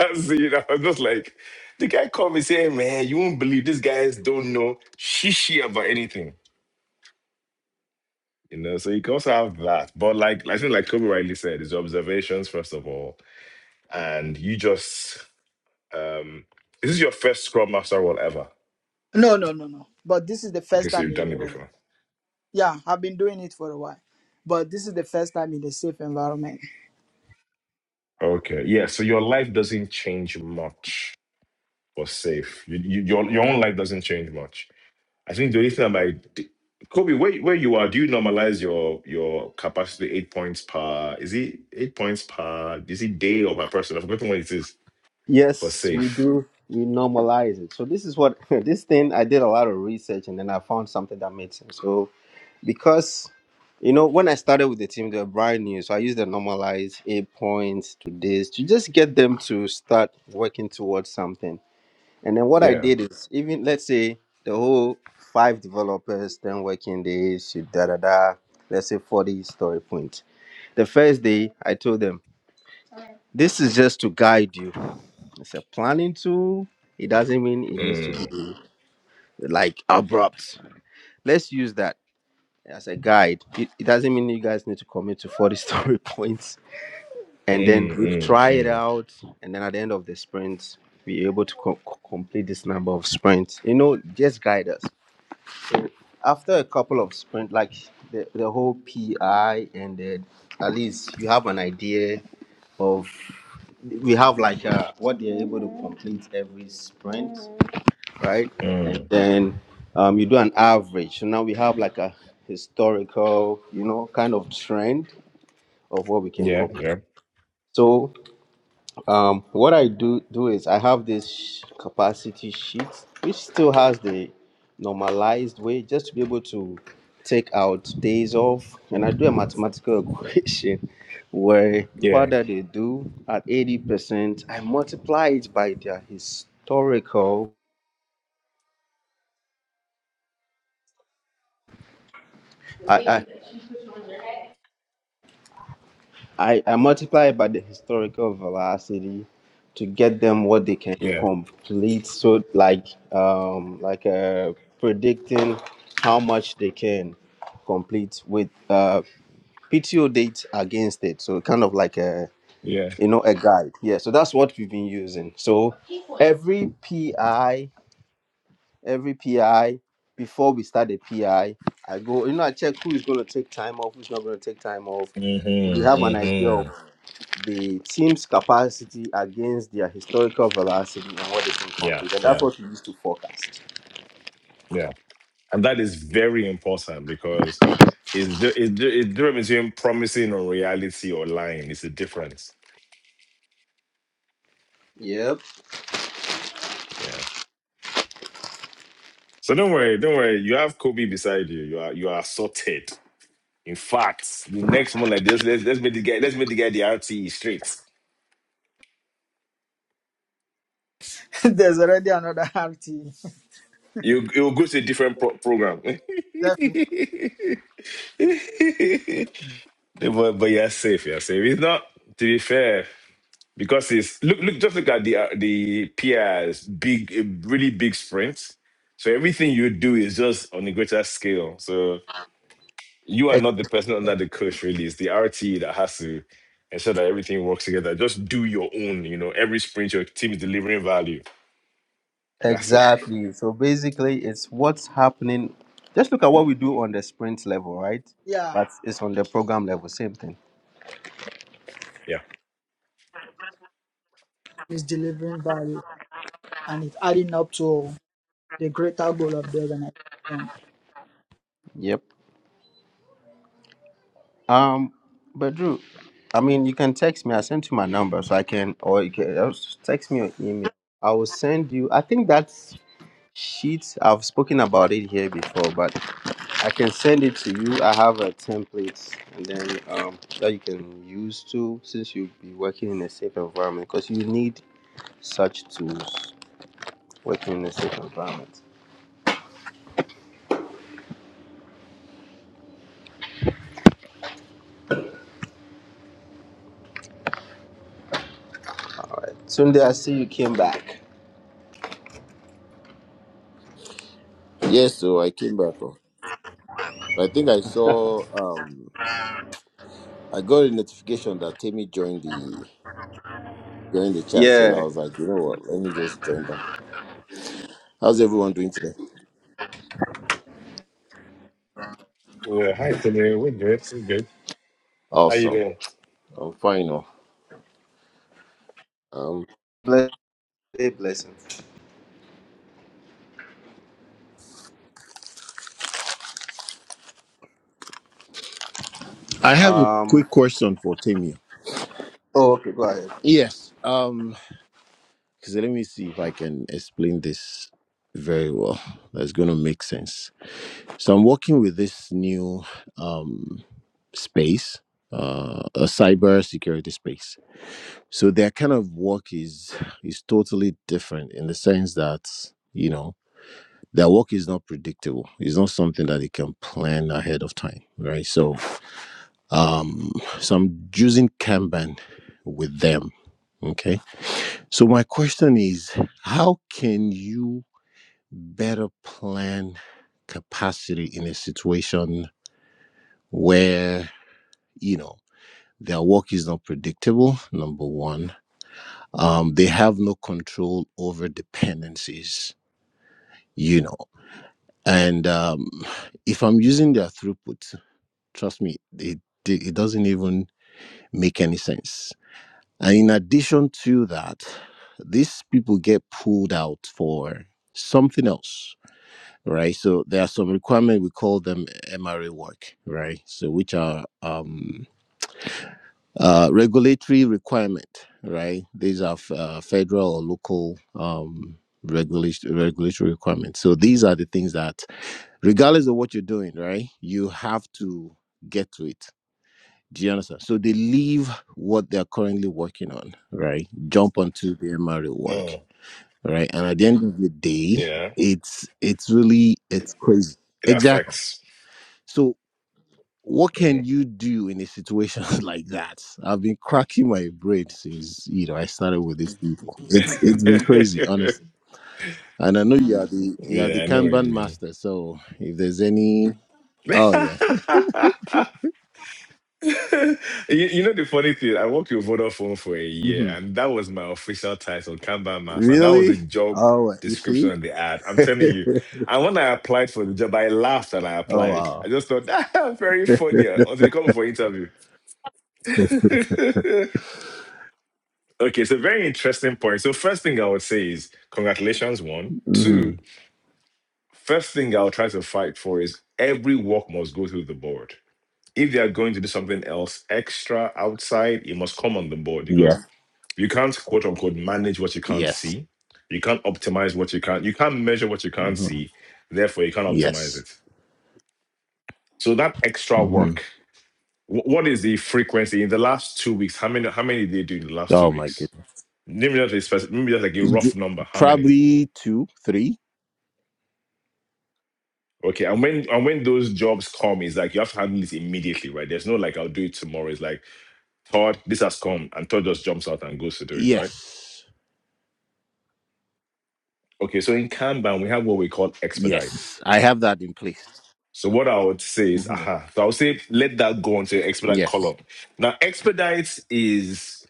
Speaker 4: so, you know, I was just like, the guy called me saying, man, you won't believe these guys don't know shishi about anything. You know, so you can also have that. But like, I think like Kobe rightly said, it's observations, first of all. And you just Um, is this your first Scrum Master role ever?
Speaker 3: No, no, no, no. But this is the
Speaker 4: Okay,
Speaker 3: first
Speaker 4: so
Speaker 3: time
Speaker 4: you've
Speaker 3: in.
Speaker 4: done it
Speaker 3: uh,
Speaker 4: before.
Speaker 3: yeah, I've been doing it for a while, but this is the first time in a safe environment.
Speaker 4: Okay, yeah. So your life doesn't change much for safe. You, you, your your own life doesn't change much. I think the only thing I might, d- Kobe, where where you are, do you normalize your your capacity eight points per? Is it eight points per? Is it day or per person? I've forgotten what it is for
Speaker 1: yes, we
Speaker 4: safe.
Speaker 1: do. We normalize it. So this is what this thing. I did a lot of research, and then I found something that made sense. So because you know when i started with the team they were brand new so i used the normalized eight points to this to just get them to start working towards something And then what I
Speaker 4: Yeah.
Speaker 1: did is even let's say the whole five developers, ten working days, you da da da, let's say 40 story points. The first day I told them, this is just to guide you. It's a planning tool. It doesn't mean it needs to
Speaker 4: Mm.
Speaker 1: be like abrupt. Let's use that as a guide. It, it doesn't mean you guys need to commit to 40 story points. And then
Speaker 4: Mm,
Speaker 1: we
Speaker 4: mm,
Speaker 1: try it
Speaker 4: mm,
Speaker 1: out. And then at the end of the sprint, be able to co- co- complete this number of sprints. You know, just guide us. So after a couple of sprint, like the, the whole PI and then at least you have an idea of we have like uh, what they're able to complete every sprint, right? And
Speaker 4: mm.
Speaker 1: then um, you do an average. So now we have like a historical, you know, kind of trend of what we can
Speaker 4: Yeah.
Speaker 1: complete.
Speaker 4: Yeah.
Speaker 1: So. Um, what I do do is I have this sh- capacity sheet, which still has the normalized way, just to be able to take out days off, and I do a mathematical equation where
Speaker 4: Yeah.
Speaker 1: whatever they do at eighty percent, I multiply it by their historical. I, I multiply by the historical velocity to get them what they can
Speaker 4: Yeah.
Speaker 1: complete. So like um like uh predicting how much they can complete with uh PTO date against it. So kind of like a
Speaker 4: Yeah.
Speaker 1: you know a guide. Yeah. So that's what we've been using. So every PI, every PI before we start the PI, I I go, you know, I check who is gonna take time off, who's not gonna take time off. We have an
Speaker 4: Mm-hmm.
Speaker 1: idea of
Speaker 4: Mm-hmm.
Speaker 1: the team's capacity against their historical velocity and what they can
Speaker 4: Yeah.
Speaker 1: complete. And that's
Speaker 4: Yeah.
Speaker 1: what we used to forecast.
Speaker 4: Yeah, and that is very important because it's di- it's di- it's different between promising or reality or lying. It's a difference.
Speaker 1: Yep.
Speaker 4: Yeah. So don't worry, don't worry. You have Kobe beside you. You are you are sorted. In fact, the next month like this, let's let's make the guy let's make the guy the RTE straight.
Speaker 3: There's already another RT.
Speaker 4: You you will go to a different pro- program.
Speaker 3: Definitely.
Speaker 4: but but you're safe. You're safe. It's not to be fair. because it's look look just look at the uh, the peers big uh, really big sprints so everything you do is just on a greater scale so you are not the person under the coach really it's the rt that has to ensure that everything works together just do your own you know every sprint your team is delivering value that's it
Speaker 1: Exactly. So basically, it's what's happening. Just look at what we do on the sprint level, right?
Speaker 3: Yeah,
Speaker 1: But it's on the program level, same thing.
Speaker 4: yeah
Speaker 3: it's delivering value and it's adding up to the greater goal of the organization.
Speaker 1: Yep. Um, but Drew, I mean, you can text me. I sent you my number, so I can, or you can uh, just text me or email. I will send you. I think that's sheet. I've spoken about it here before, but I can send it to you. I have a template, and then um, that you can use too, since you'll be working in a safe environment, because you need such tools working in a safe environment. Sunday, I see you came back.
Speaker 2: Yes, so I came back. oh. I think I saw um I got a notification that Timmy joined the joined the chat, so
Speaker 1: Yeah,
Speaker 2: I was like, you know what, let me just join back. How's everyone doing today?
Speaker 4: yeah hi Timmy. we're good we're good how you
Speaker 2: Awesome.
Speaker 4: doing
Speaker 2: I'm fine. oh. Um,
Speaker 1: bless, say blessing.
Speaker 2: I have a
Speaker 1: Um.
Speaker 2: quick question for Tamia.
Speaker 1: Oh, okay. Go ahead.
Speaker 2: yes. Um, because let me see if I can explain this very well. That's going to make sense. So I'm working with this new um space, uh, a cyber security space. So their kind of work is is totally different in the sense that you know their work is not predictable. It's not something that they can plan ahead of time, right? So Um, so I'm using Kanban with them. Okay. So my question is how can you better plan capacity in a situation where, you know, their work is not predictable, number one. Um, they have no control over dependencies, you know. And um, if I'm using their throughput, trust me, it, it doesn't even make any sense And in addition to that, these people get pulled out for something else, right? So there are some requirements, we call them MRA work, right? So which are um, uh, regulatory requirement, right? These are uh, federal or local um, regulation, regulatory requirements. So these are the things that, regardless of what you're doing, right, you have to get to it do you understand? So they leave what they're currently working on, right? Jump onto the MRE work,
Speaker 4: Mm,
Speaker 2: right? And at the end of the day,
Speaker 4: yeah
Speaker 2: it's it's really it's crazy.
Speaker 4: it
Speaker 2: Exactly.
Speaker 4: affects
Speaker 2: So what
Speaker 4: Mm.
Speaker 2: can you do in a situation like that? I've been cracking my brain since you know I started with these people. It's it's been crazy, honestly. And I know you are the you are the
Speaker 4: yeah i know what
Speaker 2: Kanban
Speaker 4: you
Speaker 2: master. So if there's any, oh yeah,
Speaker 4: mean you, you know the funny thing, I worked with Vodafone for a year,
Speaker 2: hmm
Speaker 4: and that was my official title, Kanban Master. That was the
Speaker 2: really,
Speaker 4: job
Speaker 2: oh you
Speaker 4: description
Speaker 2: see,
Speaker 4: on the ad. I'm telling you. And when I applied for the job, I laughed and I
Speaker 2: oh
Speaker 4: applied.
Speaker 2: wow.
Speaker 4: I just thought that very funny until they called me for interview. okay, so very interesting point. So first thing I would say is congratulations, one. Two,
Speaker 2: Mhm.
Speaker 4: first thing I'll try to fight for is every work must go through the board if they are going to do something else extra outside, it must come on the board
Speaker 2: Yeah.
Speaker 4: because you can't quote unquote manage what you can't
Speaker 2: Yes.
Speaker 4: see. You can't optimize what you can't. You can't measure what you can't
Speaker 2: hmm
Speaker 4: see. Therefore, you can't optimize
Speaker 2: Yes.
Speaker 4: it. So that extra
Speaker 2: hmm
Speaker 4: work. wh- What is the frequency in the last two weeks? How many? How many did you do in the last two
Speaker 2: Oh my
Speaker 4: weeks?
Speaker 2: goodness.
Speaker 4: Maybe just a spec- maybe just like a
Speaker 2: D-
Speaker 4: rough number. How many?
Speaker 2: Probably two, three.
Speaker 4: Okay, and when and when those jobs come, it's like you have to handle this immediately, right? There's no like I'll do it tomorrow. It's like Todd, this has come, and Todd just jumps out and goes to do it, right?
Speaker 2: Yes.
Speaker 4: Okay, so in Kanban, we have what we call expedites.
Speaker 2: Yes. I have that in place.
Speaker 4: So what I would say is, aha. So I would say let that go onto your expedite
Speaker 2: Yes.
Speaker 4: column. Now, expedites is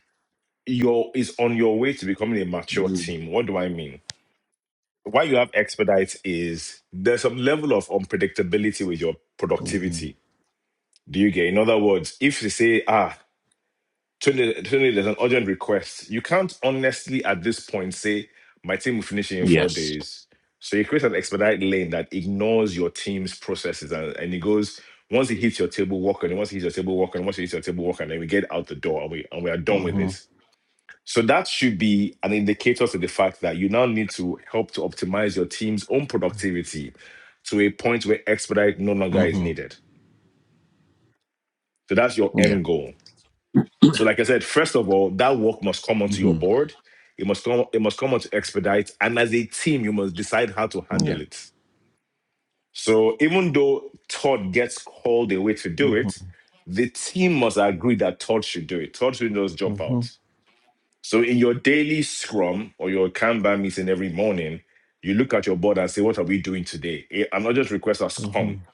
Speaker 4: your is on your way to becoming a mature team. What do I mean? Why you have expedites is there's some level of unpredictability with your
Speaker 2: Mm-hmm.
Speaker 4: productivity. Do you get? In other words, if you say, ah, Tony, Tony, there's an urgent request. You can't honestly at this point say my team will finish it in four
Speaker 2: Yes.
Speaker 4: days. So you create an expedite lane that ignores your team's processes and, and it goes once it hits your table, walk on it. Once it hits your table, walk on it. Once it hits your table, walk on it. And we get out the door and we and we are done with
Speaker 2: hmm
Speaker 4: this. So that should be an indicator to the fact that you now need to help to optimize your team's own productivity to a point where expedite no longer is
Speaker 2: hmm
Speaker 4: needed. So that's your
Speaker 2: Yeah.
Speaker 4: end goal. So, like I said, first of all, that work must come onto your
Speaker 2: hmm
Speaker 4: board. It must come. It must come onto expedite, and as a team, you must decide how to
Speaker 2: Yeah.
Speaker 4: handle it. So, even though Todd gets called away to
Speaker 2: hmm
Speaker 4: do it, the team must agree that Todd should do it. Todd should just jump
Speaker 2: hmm
Speaker 4: out. So, in your daily scrum or your Kanban meeting every morning, you look at your board and say, "What are we doing today?" Eh, I'm not just request us come.
Speaker 2: hmm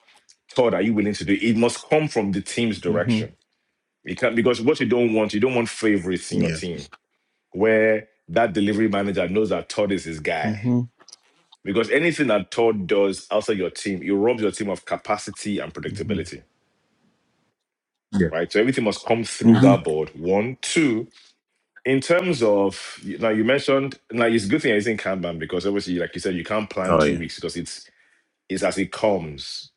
Speaker 4: Todd, are you willing to do it? It must come from the team's
Speaker 2: hmm
Speaker 4: direction. It can't, because what you don't want, you don't want favorites in your
Speaker 2: Yeah.
Speaker 4: team where that delivery manager knows that Todd is his
Speaker 2: hmm
Speaker 4: guy. Because anything that Todd does outside your team, it robs your team of capacity and
Speaker 2: hmm
Speaker 4: predictability,
Speaker 2: Yeah.
Speaker 4: right? So everything must come through
Speaker 2: hmm
Speaker 4: that board. One, two. In terms of now, you mentioned now it's a good thing it's in Kanban because obviously, like you said, you can't plan
Speaker 2: Oh
Speaker 4: two
Speaker 2: yeah.
Speaker 4: weeks because it's it's as it comes.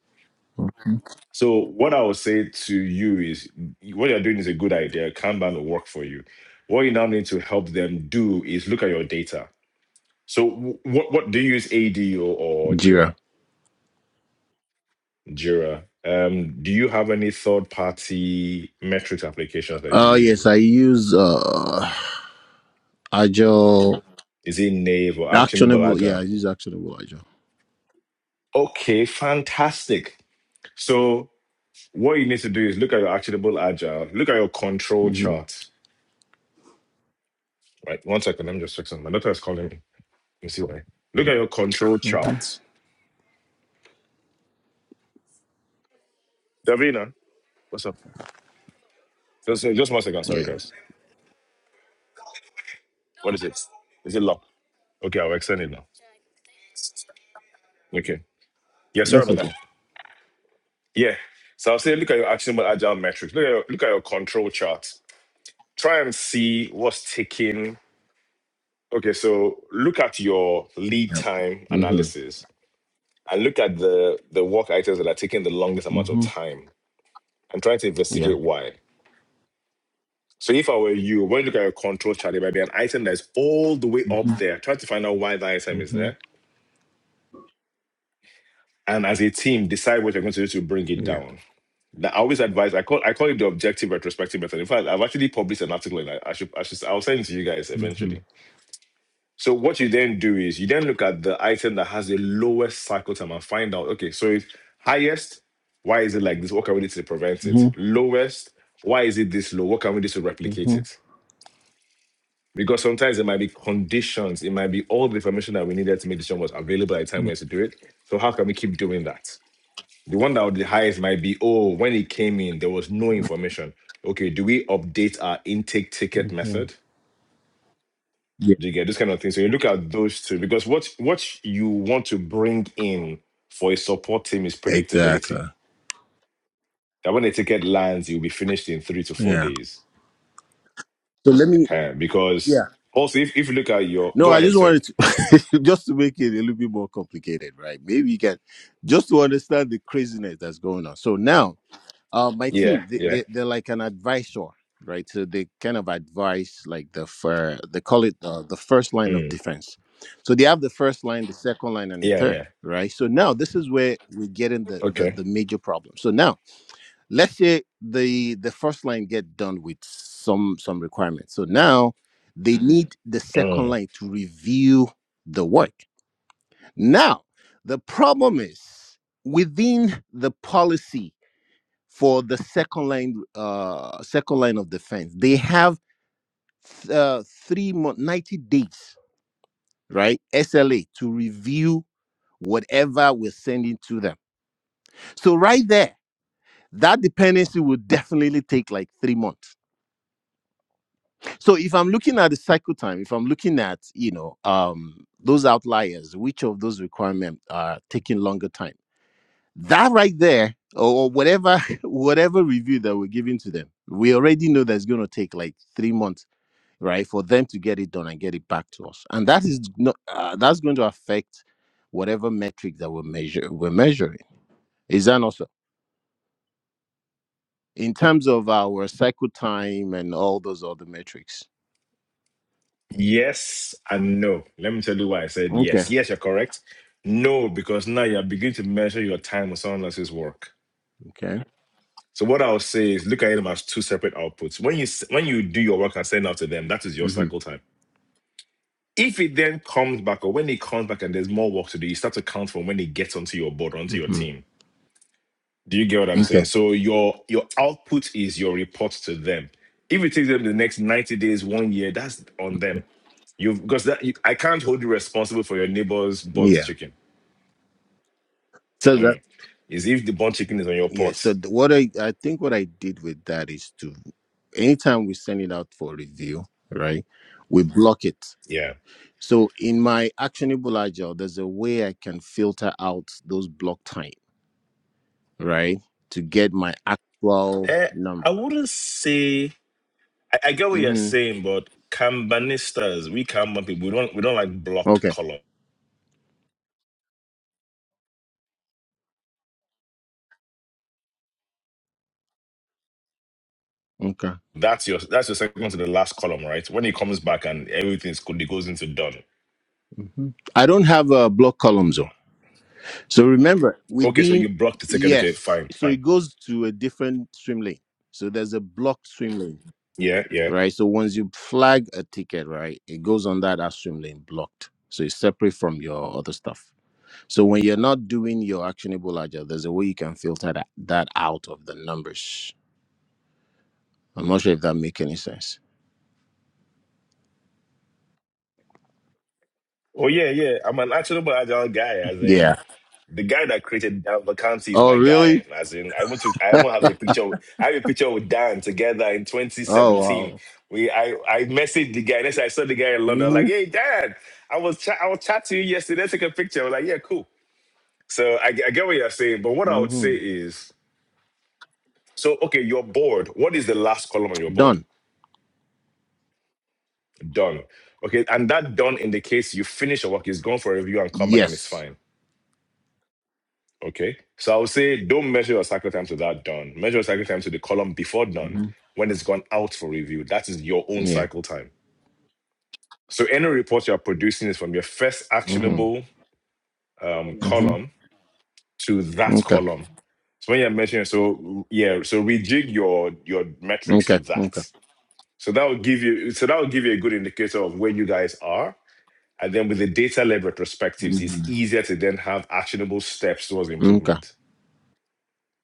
Speaker 2: hmm
Speaker 4: So what I would say to you is what you're doing is a good idea. Kanban will work for you. What you now need to help them do is look at your data So wh- what what do you use ADO or, or Jira?
Speaker 2: Jira.
Speaker 4: Jira. Um, do you have any third party metrics applications that you
Speaker 2: Oh yes,
Speaker 4: use?
Speaker 2: I use uh Agile
Speaker 4: Is it Nave or Actionable
Speaker 2: actionable. Yeah, I
Speaker 4: Agile?
Speaker 2: use actionable Agile.
Speaker 4: Okay, fantastic. So what you need to do is look at your Actionable Agile, look at your control
Speaker 2: hmm
Speaker 4: chart. Right, one second. Let me just check something. My daughter is calling me. Let me see why. Look at your control chart. Davina, what's up? Just, just one second. Sorry,
Speaker 2: Yeah.
Speaker 4: guys. What is it? Is it locked? Okay, I'll extend it now. Okay. Yeah, sorry
Speaker 2: That's
Speaker 4: about that.
Speaker 2: okay.
Speaker 4: Yeah. So I'll say look at your actionable agile metrics. Look at your, look at your control charts. Try and see what's taking. Okay, so look at your lead
Speaker 2: Yeah.
Speaker 4: time
Speaker 2: Mm-hmm.
Speaker 4: analysis and look at the the work items that are taking the longest amount of
Speaker 2: Mm-hmm.
Speaker 4: time and try to
Speaker 2: Yeah.
Speaker 4: investigate why. So if I were you, when you look at your control chart, it might be an item that's all the way
Speaker 2: Mm-hmm.
Speaker 4: up there. Try to find out why that item is
Speaker 2: Mm-hmm.
Speaker 4: there. And as a team, decide what you're going to do to bring it
Speaker 2: Yeah.
Speaker 4: down Now, I always advise. I call I call it the objective retrospective method. In fact, I've actually published an article, and I, I should I should I'll send it to you guys
Speaker 2: Mm-hmm.
Speaker 4: eventually. So what you then do is you then look at the item that has the lowest cycle time and find out. Okay, so it's highest. Why is it like this? What can we do to prevent
Speaker 2: Mm-hmm.
Speaker 4: it? Lowest. Why is it this low? What can we do to replicate
Speaker 2: Mm-hmm.
Speaker 4: it? Because sometimes it might be conditions. It might be all the information that we needed to make decision was available at the time we had to do it. So how can we keep doing that? The one that would be the highest might be, oh, when it came in, there was no information. Okay, do we update our intake ticket
Speaker 2: Mm-hmm.
Speaker 4: method?
Speaker 2: Yeah.
Speaker 4: Do you get this kind of thing? So you look at those two because what what you want to bring in for a support team is
Speaker 2: Exactly.
Speaker 4: predictability. That when the ticket lands, you'll be finished in three to four
Speaker 2: Yeah.
Speaker 4: days.
Speaker 2: So let me
Speaker 4: Uh, because
Speaker 2: yeah.
Speaker 4: also, if, if you look at your,
Speaker 2: No,
Speaker 4: go
Speaker 2: I
Speaker 4: ahead,
Speaker 2: just
Speaker 4: sir.
Speaker 2: wanted to just to make it a little bit more complicated, right? Maybe you can just to understand the craziness that's going on. So now Uh, my
Speaker 4: Yeah,
Speaker 2: team, they,
Speaker 4: yeah,
Speaker 2: they they're like an advisor, right? So they kind of advise like the fir- they call it uh, the first line of
Speaker 4: Mm.
Speaker 2: defense. So they have the first line, the second line, and the
Speaker 4: yeah,
Speaker 2: third,
Speaker 4: yeah.
Speaker 2: right? So now this is where we're getting the the,
Speaker 4: Okay.
Speaker 2: the major problem. So now let's say the the first line get done with some some requirements. So now they need the
Speaker 4: Mm.
Speaker 2: second line to review the work. Now the problem is within the policy for the second line uh second line of defense they have uh, three month 90 days right sla to review whatever we're sending to them so right there that dependency will definitely take like three months so if i'm looking at the cycle time if i'm looking at you know um those outliers which of those requirements are taking longer time that right there or or whatever whatever review that we're giving to them we already know that's going to take like three months right for them to get it done and get it back to us and that is not uh, that's going to affect whatever metric that we're measure we're measuring is that also in terms of our cycle time and all those other metrics
Speaker 4: Yes and no. Let me tell you why I said
Speaker 2: okay
Speaker 4: yes. Yes, you're correct. No, because now you're beginning to measure your time with someone else's work.
Speaker 2: okay
Speaker 4: So what I'll say is look at them as two separate outputs. When you s- when you do your work and send out to them, that is your
Speaker 2: mm-hmm.
Speaker 4: cycle time. If it then comes back or when it comes back and there's more work to do, you start to count from when it gets onto your board, onto your
Speaker 2: Mm-hmm.
Speaker 4: team. Do you get what I'm saying?
Speaker 2: okay
Speaker 4: So your your output is your report to them. If it takes them the next 90 days, one year, that's on them You've because that you, I can't hold you responsible for your neighbor's burnt
Speaker 2: yeah
Speaker 4: chicken.
Speaker 2: so that
Speaker 4: Mhm. Is if the burnt chicken is on your
Speaker 2: yeah so
Speaker 4: pot.
Speaker 2: th- what i i think what i did with that is to anytime we send it out for review right we block it
Speaker 4: Yeah.
Speaker 2: so in my actionable agile there's a way i can filter out those block time. right? To get my actual
Speaker 4: Eh,
Speaker 2: number.
Speaker 4: I wouldn't say I, I get what you're
Speaker 2: hmm
Speaker 4: saying, but Kambanistas, we Kanban people, we don't we don't like blocked
Speaker 2: Okay.
Speaker 4: column.
Speaker 2: Okay.
Speaker 4: That's your that's your second to the last column, right? When it comes back and everything is good, it goes into done.
Speaker 2: hmm I don't have a block columns on. So remember,
Speaker 4: Okay, so
Speaker 2: within,
Speaker 4: you blocked the ticket. Okay,
Speaker 2: yes.
Speaker 4: fine,
Speaker 2: So
Speaker 4: fine.
Speaker 2: it goes to a different swim lane. So there's a blocked swim lane,
Speaker 4: Yeah, yeah.
Speaker 2: right? So once you flag a ticket, right, it goes on that as swim lane blocked. So it's separate from your other stuff. So when you're not doing your actionable agile, there's a way you can filter that, that out of the numbers. I'm not sure if that make any sense.
Speaker 4: Oh yeah, yeah. I'm an actionable agile guy, as in
Speaker 2: Yeah.
Speaker 4: The guy that created that vacancy is
Speaker 2: Oh,
Speaker 4: my
Speaker 2: really?
Speaker 4: guy. As in, I want to. I won't have a picture. With, I have a picture with Dan together in
Speaker 2: Oh
Speaker 4: 2017.
Speaker 2: wow.
Speaker 4: We, I, I messaged the guy. Next, I saw the guy in London.
Speaker 2: hmm
Speaker 4: Like, hey, Dan, I was, chat I was chatting to you yesterday. Take a picture. I was like, yeah, cool. So I, I get what you're saying, but what I would
Speaker 2: hmm
Speaker 4: say is, so okay, you're bored. What is the last column on your board?
Speaker 2: Done.
Speaker 4: Done. Okay, and that done indicates you finish your work. It's gone for a review and come back and it's
Speaker 2: Yes.
Speaker 4: fine Okay. So I would say don't measure your cycle time to that done. Measure your cycle time to the column before done
Speaker 2: hmm
Speaker 4: when it's gone out for review. That is your own
Speaker 2: Yeah.
Speaker 4: cycle time. So any report you're producing is from your first
Speaker 2: hmm
Speaker 4: actionable um,
Speaker 2: hmm
Speaker 4: column to that
Speaker 2: Okay.
Speaker 4: column. So when you're measuring, so yeah, so rejig your your metrics
Speaker 2: Okay.
Speaker 4: with that.
Speaker 2: Okay.
Speaker 4: So that will give you so that will give you a good indicator of where you guys are. And then with the data-led retrospectives,
Speaker 2: hmm
Speaker 4: it's easier to then have actionable steps towards
Speaker 2: Okay.
Speaker 4: improvement.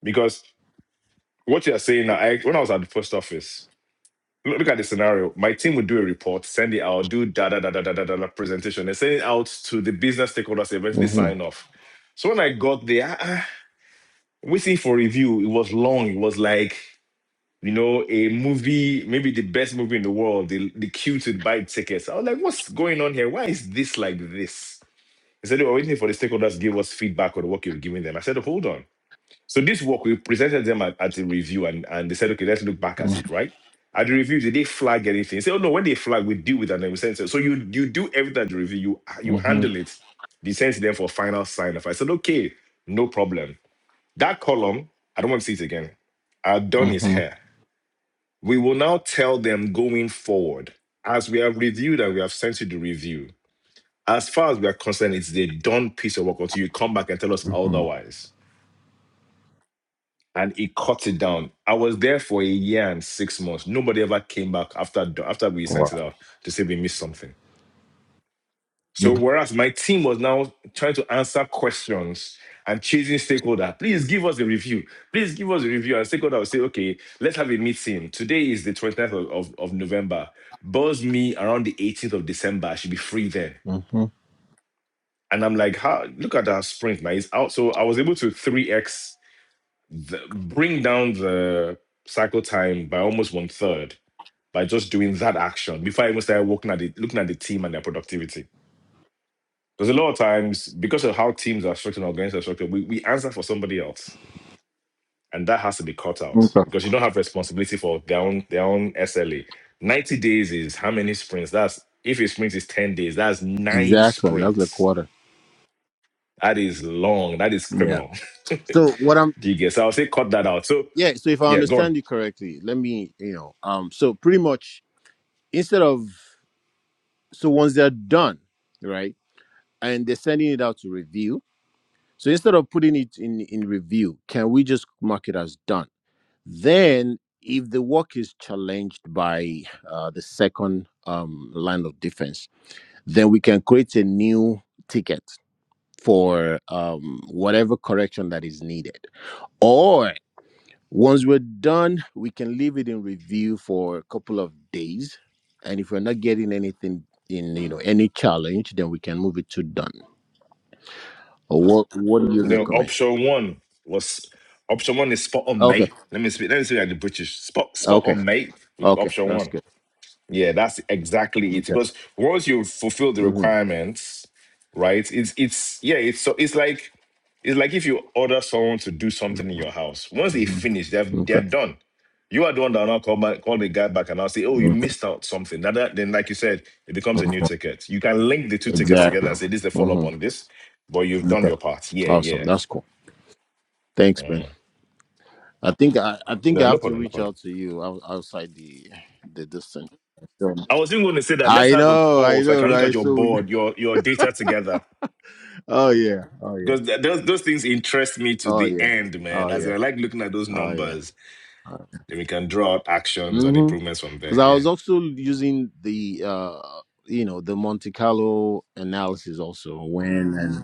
Speaker 4: Because What you are saying now, I, when I was at the post office, look, look at the scenario. My team would do a report, send it out, do da da da da da da da da presentation, and send it out to the business stakeholders. they Eventually,
Speaker 2: hmm
Speaker 4: sign off. So when I got there, ah, ah, waiting for review, it was long. It was like you know a movie, maybe the best movie in the world. The the queue to buy tickets. I was like, what's going on here? Why is this like this? They said they were waiting for the stakeholders to give us feedback on the work you've given them. I said, hold on. So this work, we presented them at, at a review and, and they said, okay, let's look back at it, right? At the review, did they flag anything? Say, oh no, when they flag, we deal with that and we send it. So you you do everything at the review, you you
Speaker 2: hmm
Speaker 4: handle it, you send it them for final sign off. I said, okay, no problem. That column, I don't want to see it again. Our done is
Speaker 2: hmm
Speaker 4: here. We will now tell them going forward, as we have reviewed and we have sent you the review, as far as we are concerned, it's the done piece of work until you come back and tell us
Speaker 2: hmm
Speaker 4: otherwise. and he cut it down. I was there for a year and six months. Nobody ever came back after after we sent
Speaker 2: Wow.
Speaker 4: it out to say we missed something. So whereas my team was now trying to answer questions and chasing stakeholder, please give us a review. Please give us a review. And stakeholder will say, okay, let's have a meeting. Today is the 29th of, of, of November. Buzz me around the 18th of December. I should be free then.
Speaker 2: hmm
Speaker 4: And I'm like, how look at that sprint, man. It's out. So I was able to 3x the, bring down the cycle time by almost one third by just doing that action before I even started looking at the, looking at the team and their productivity. Because a lot of times, because of how teams are structured and organizations are structured, we, we answer for somebody else. And that has to be cut out
Speaker 2: Okay.
Speaker 4: because you don't have responsibility for their own their own SLA. 90 days is how many sprints? That's if a sprint is 10 days, that's nine
Speaker 2: Exactly. That's a
Speaker 4: sprints.
Speaker 2: quarter.
Speaker 4: That is long. That is
Speaker 2: Yeah.
Speaker 4: criminal.
Speaker 2: So what I'm
Speaker 4: Do you guess? I'll say cut that out. So
Speaker 2: yeah, so if I
Speaker 4: yeah, go on.
Speaker 2: understand you correctly, let me, you know, um, so pretty much instead of so once they're done, right? And they're sending it out to review, So instead of putting it in, in review, can we just mark it as done? Then, if the work is challenged by uh, the second um, line of defense, then we can create a new ticket for um, whatever correction that is needed. Or once we're done, we can leave it in review for a couple of days. And if we're not getting anything in, you know, any challenge, then we can move it to done. Or what, what do you
Speaker 4: You know,
Speaker 2: recommend?
Speaker 4: option one was option one is spot on,
Speaker 2: Okay.
Speaker 4: mate. Let me speak. Let me speak like the British. Spot spot
Speaker 2: Okay.
Speaker 4: on, mate. With
Speaker 2: Okay,
Speaker 4: option
Speaker 2: that's
Speaker 4: one.
Speaker 2: good.
Speaker 4: Yeah, that's exactly it.
Speaker 2: Okay.
Speaker 4: Because once you fulfill the
Speaker 2: Mm-hmm.
Speaker 4: requirements, right? It's it's yeah. It's so it's like it's like if you order someone to do something in your house. Once they
Speaker 2: Mm-hmm.
Speaker 4: finish, they're they're
Speaker 2: Okay.
Speaker 4: done. You are the one that will now call back, call the guy back and I'll say, oh, you
Speaker 2: okay.
Speaker 4: missed out something. Now that then, like you said, it becomes a new
Speaker 2: Okay.
Speaker 4: ticket. You can link the two tickets
Speaker 2: Exactly.
Speaker 4: together and say, this is the follow up on
Speaker 2: Mm-hmm.
Speaker 4: this, but you've done
Speaker 2: Okay.
Speaker 4: your part. Yeah,
Speaker 2: Awesome.
Speaker 4: yeah.
Speaker 2: That's cool. Thanks, Ben. I think I, I think
Speaker 4: No,
Speaker 2: I
Speaker 4: no
Speaker 2: have to
Speaker 4: problem, no
Speaker 2: reach
Speaker 4: problem.
Speaker 2: out to you out- outside the the distance. So,
Speaker 4: I was even going to say that let's
Speaker 2: I
Speaker 4: have a
Speaker 2: know,
Speaker 4: call
Speaker 2: I
Speaker 4: so I
Speaker 2: know,
Speaker 4: can look
Speaker 2: right?
Speaker 4: at your
Speaker 2: So we,
Speaker 4: board, your your data together.
Speaker 2: oh yeah, oh yeah,
Speaker 4: Because th- those those things interest me to
Speaker 2: oh
Speaker 4: the
Speaker 2: yeah,
Speaker 4: end, man.
Speaker 2: oh
Speaker 4: As
Speaker 2: yeah,
Speaker 4: in, I like looking at those
Speaker 2: oh yeah.
Speaker 4: numbers,
Speaker 2: Uh,
Speaker 4: then we can draw out actions and
Speaker 2: Mm-hmm.
Speaker 4: improvements from
Speaker 2: Because
Speaker 4: there.
Speaker 2: I
Speaker 4: Yeah.
Speaker 2: was also using the uh you know the Monte Carlo analysis also when and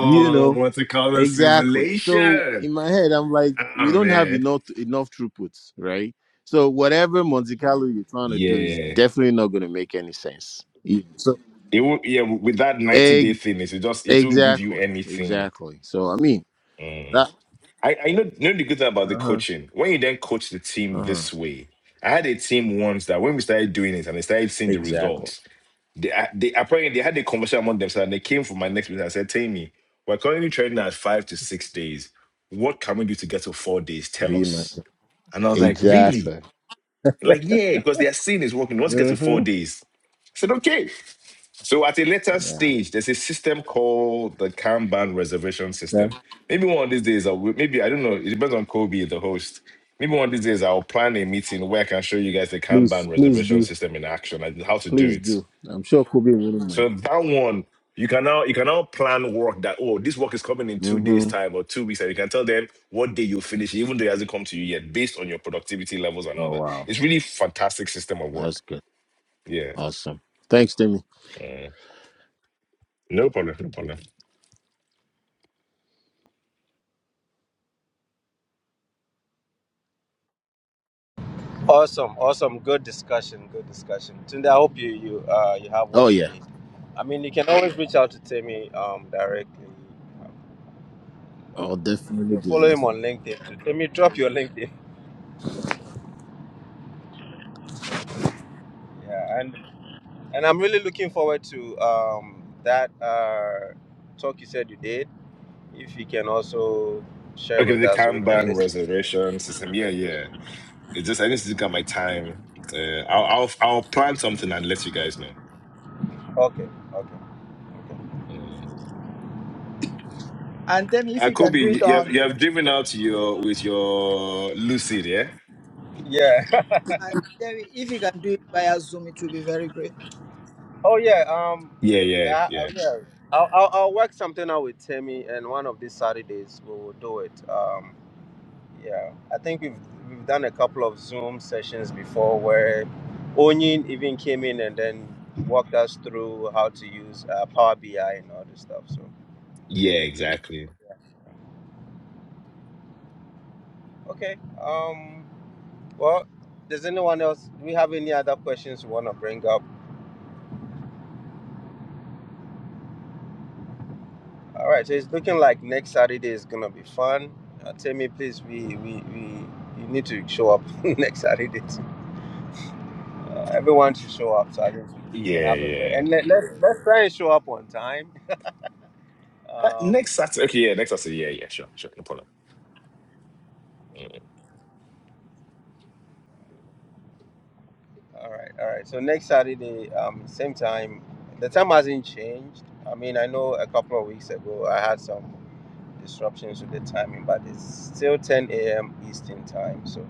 Speaker 2: you know
Speaker 4: multicolor
Speaker 2: Exactly. So
Speaker 4: simulation.
Speaker 2: in my head, I'm like, we
Speaker 4: Ah,
Speaker 2: don't have
Speaker 4: man.
Speaker 2: enough enough throughputs, right? So whatever Monte Carlo you're trying to do is
Speaker 4: Yeah.
Speaker 2: definitely not going to make any sense. E- So
Speaker 4: It will, yeah. With that ninety day
Speaker 2: egg,
Speaker 4: thing, it will just it won't give you
Speaker 2: exactly,
Speaker 4: anything.
Speaker 2: exactly. So I mean
Speaker 4: Mm.
Speaker 2: that.
Speaker 4: I, I know, know the good thing about the
Speaker 2: Uh huh.
Speaker 4: coaching. When you then coach the team
Speaker 2: Uh huh.
Speaker 4: this way, I had a team once that when we started doing it and they started seeing the
Speaker 2: Exactly.
Speaker 4: results, they I- they apparently they had a conversation among themselves and they came for my next meeting and said, Tammy, we're currently training at five to six days. What can we do to get to four days?
Speaker 2: Can
Speaker 4: Tell
Speaker 2: you
Speaker 4: us.
Speaker 2: imagine?
Speaker 4: And I was like, really?
Speaker 2: Exactly.
Speaker 4: Like, yeah, because they are seeing it's working. Once you get to four
Speaker 2: Mm-hmm.
Speaker 4: days, I said, okay. So at a later
Speaker 2: Yeah.
Speaker 4: stage, there's a system called the Kanban reservation
Speaker 2: Yeah.
Speaker 4: system. Maybe one of these days, I'll, maybe I don't know. It depends on Kobe, the host. Maybe one of these days, I'll plan a meeting where I can show you guys the
Speaker 2: Please,
Speaker 4: Kanban
Speaker 2: please
Speaker 4: reservation
Speaker 2: do.
Speaker 4: system in action and how to do
Speaker 2: Please
Speaker 4: it.
Speaker 2: do. I'm sure Kobe wouldn't
Speaker 4: So
Speaker 2: mind.
Speaker 4: that one, you can now you can now plan work that oh this work is coming in two days
Speaker 2: Mm-hmm.
Speaker 4: time or two weeks and you can tell them what day you finish even though it hasn't come to you yet based on your productivity levels and all
Speaker 2: Oh
Speaker 4: that.
Speaker 2: wow.
Speaker 4: It's really fantastic system of
Speaker 2: That's
Speaker 4: work.
Speaker 2: good.
Speaker 4: Yeah,
Speaker 2: Awesome. Thanks, Timmy.
Speaker 4: Mm. no problem, no problem.
Speaker 1: You have
Speaker 2: Oh
Speaker 1: what you
Speaker 2: yeah.
Speaker 1: need. I mean, you can always reach out to Temi um directly.
Speaker 2: I'll definitely
Speaker 1: You can
Speaker 2: do
Speaker 1: follow
Speaker 2: that.
Speaker 1: him on LinkedIn. Too. Timmy, drop your LinkedIn. Yeah, and. And I'm really looking forward to um, that uh, talk you said you did. If you can also share
Speaker 4: Okay,
Speaker 1: with
Speaker 4: the
Speaker 1: us so we can
Speaker 4: Kanban
Speaker 1: listen. To it.
Speaker 4: reservation system. Yeah, yeah. It's just I need to look at my time. Uh, I'll, I'll I'll plan something and let you guys know.
Speaker 1: okay, okay, okay.
Speaker 4: Mm.
Speaker 3: And then if
Speaker 4: Uh,
Speaker 3: you can
Speaker 4: Kobe,
Speaker 3: do it
Speaker 4: you have
Speaker 3: on,
Speaker 4: you have driven out your with your Lucid, yeah,
Speaker 1: Yeah.
Speaker 3: and then if you can do it via Zoom, it will be very great.
Speaker 1: oh yeah. Um.
Speaker 4: yeah,
Speaker 1: I,
Speaker 4: yeah,
Speaker 1: I,
Speaker 4: yeah,
Speaker 1: yeah. I'll, I'll, I'll work something out with Timmy, and one of these Saturdays we will do it. Um. Yeah. I think we've we've done a couple of Zoom sessions before where Onyin even came in and then walked us through how to use uh, Power BI and all this stuff. So.
Speaker 4: yeah, exactly.
Speaker 1: Okay. Um. Well, does anyone else? Do we have any other questions we want to bring up? All right. So it's looking like next Saturday is gonna be fun. Uh, tell me, please. We we we you need to show up next Saturday. Uh, everyone should show up so I think we can
Speaker 4: Yeah,
Speaker 1: have a very
Speaker 4: yeah.
Speaker 1: and let, let's let's try and show up on time.
Speaker 4: Uh,
Speaker 1: Um.
Speaker 4: next Saturday, okay, yeah, next Saturday, yeah, yeah, sure, sure, no problem.
Speaker 1: All right. All right. So next Saturday, um, same time. The time hasn't changed. I mean, I know a couple of weeks ago I had some. disruptions with the timing, but it's still 10 a.m. Eastern time. So,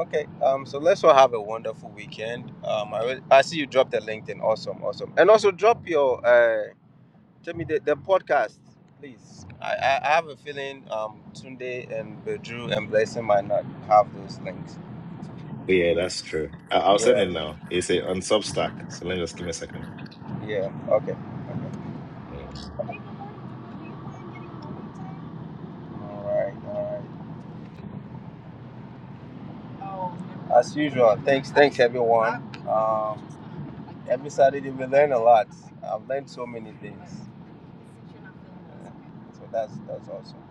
Speaker 1: okay. Um, so let's all have a wonderful weekend. Um, I, will- I see you dropped the LinkedIn. Awesome, awesome. And also drop your, uh, tell me the, the podcast, please. I, I, I have a feeling um, Tunde and Bedru and Blessing might not have those links.
Speaker 4: yeah, that's true. I- I'll send
Speaker 1: Yeah,
Speaker 4: it now. It's a on Substack, so let me just give me a second.
Speaker 1: yeah. Okay. okay.
Speaker 4: Mm.
Speaker 1: All right, all right. As usual, thanks, thanks everyone. Um, every Saturday we learn a lot. I've learned so many things. So that's that's awesome.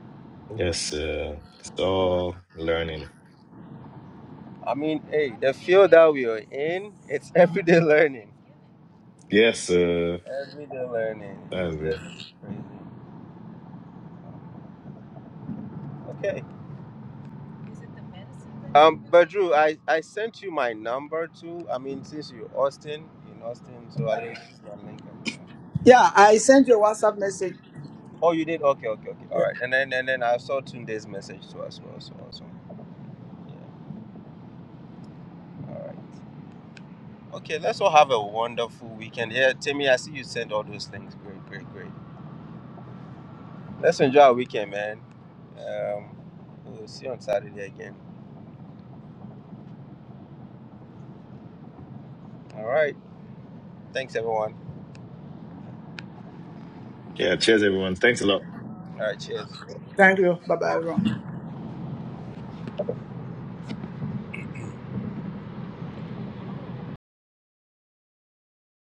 Speaker 4: Yes, uh, it's all learning.
Speaker 1: I mean, hey, the field that we are in, it's everyday learning.
Speaker 4: Yes, uh,
Speaker 1: Everyday learning is
Speaker 4: that's it.
Speaker 1: just crazy. Okay. Um, but I, I sent you my number too. I mean, since you're Austin, in Austin, so at least it's not Lincoln.
Speaker 3: Yeah, I sent you a WhatsApp message.
Speaker 1: Oh, you did? Okay, okay, okay. All
Speaker 3: Yeah.
Speaker 1: right. And then and then I saw Tunde's message too as well. So awesome. Yeah. All right. Okay. Let's all have a wonderful weekend. Yeah, Timmy, I see you sent all those things. Great, great, great. Let's enjoy our weekend, man. Um, we'll see you on Saturday again. All right. Thanks, everyone.
Speaker 4: Yeah, cheers, everyone. Thanks a lot.
Speaker 1: All right. Cheers.
Speaker 3: Thank you. Bye bye, everyone.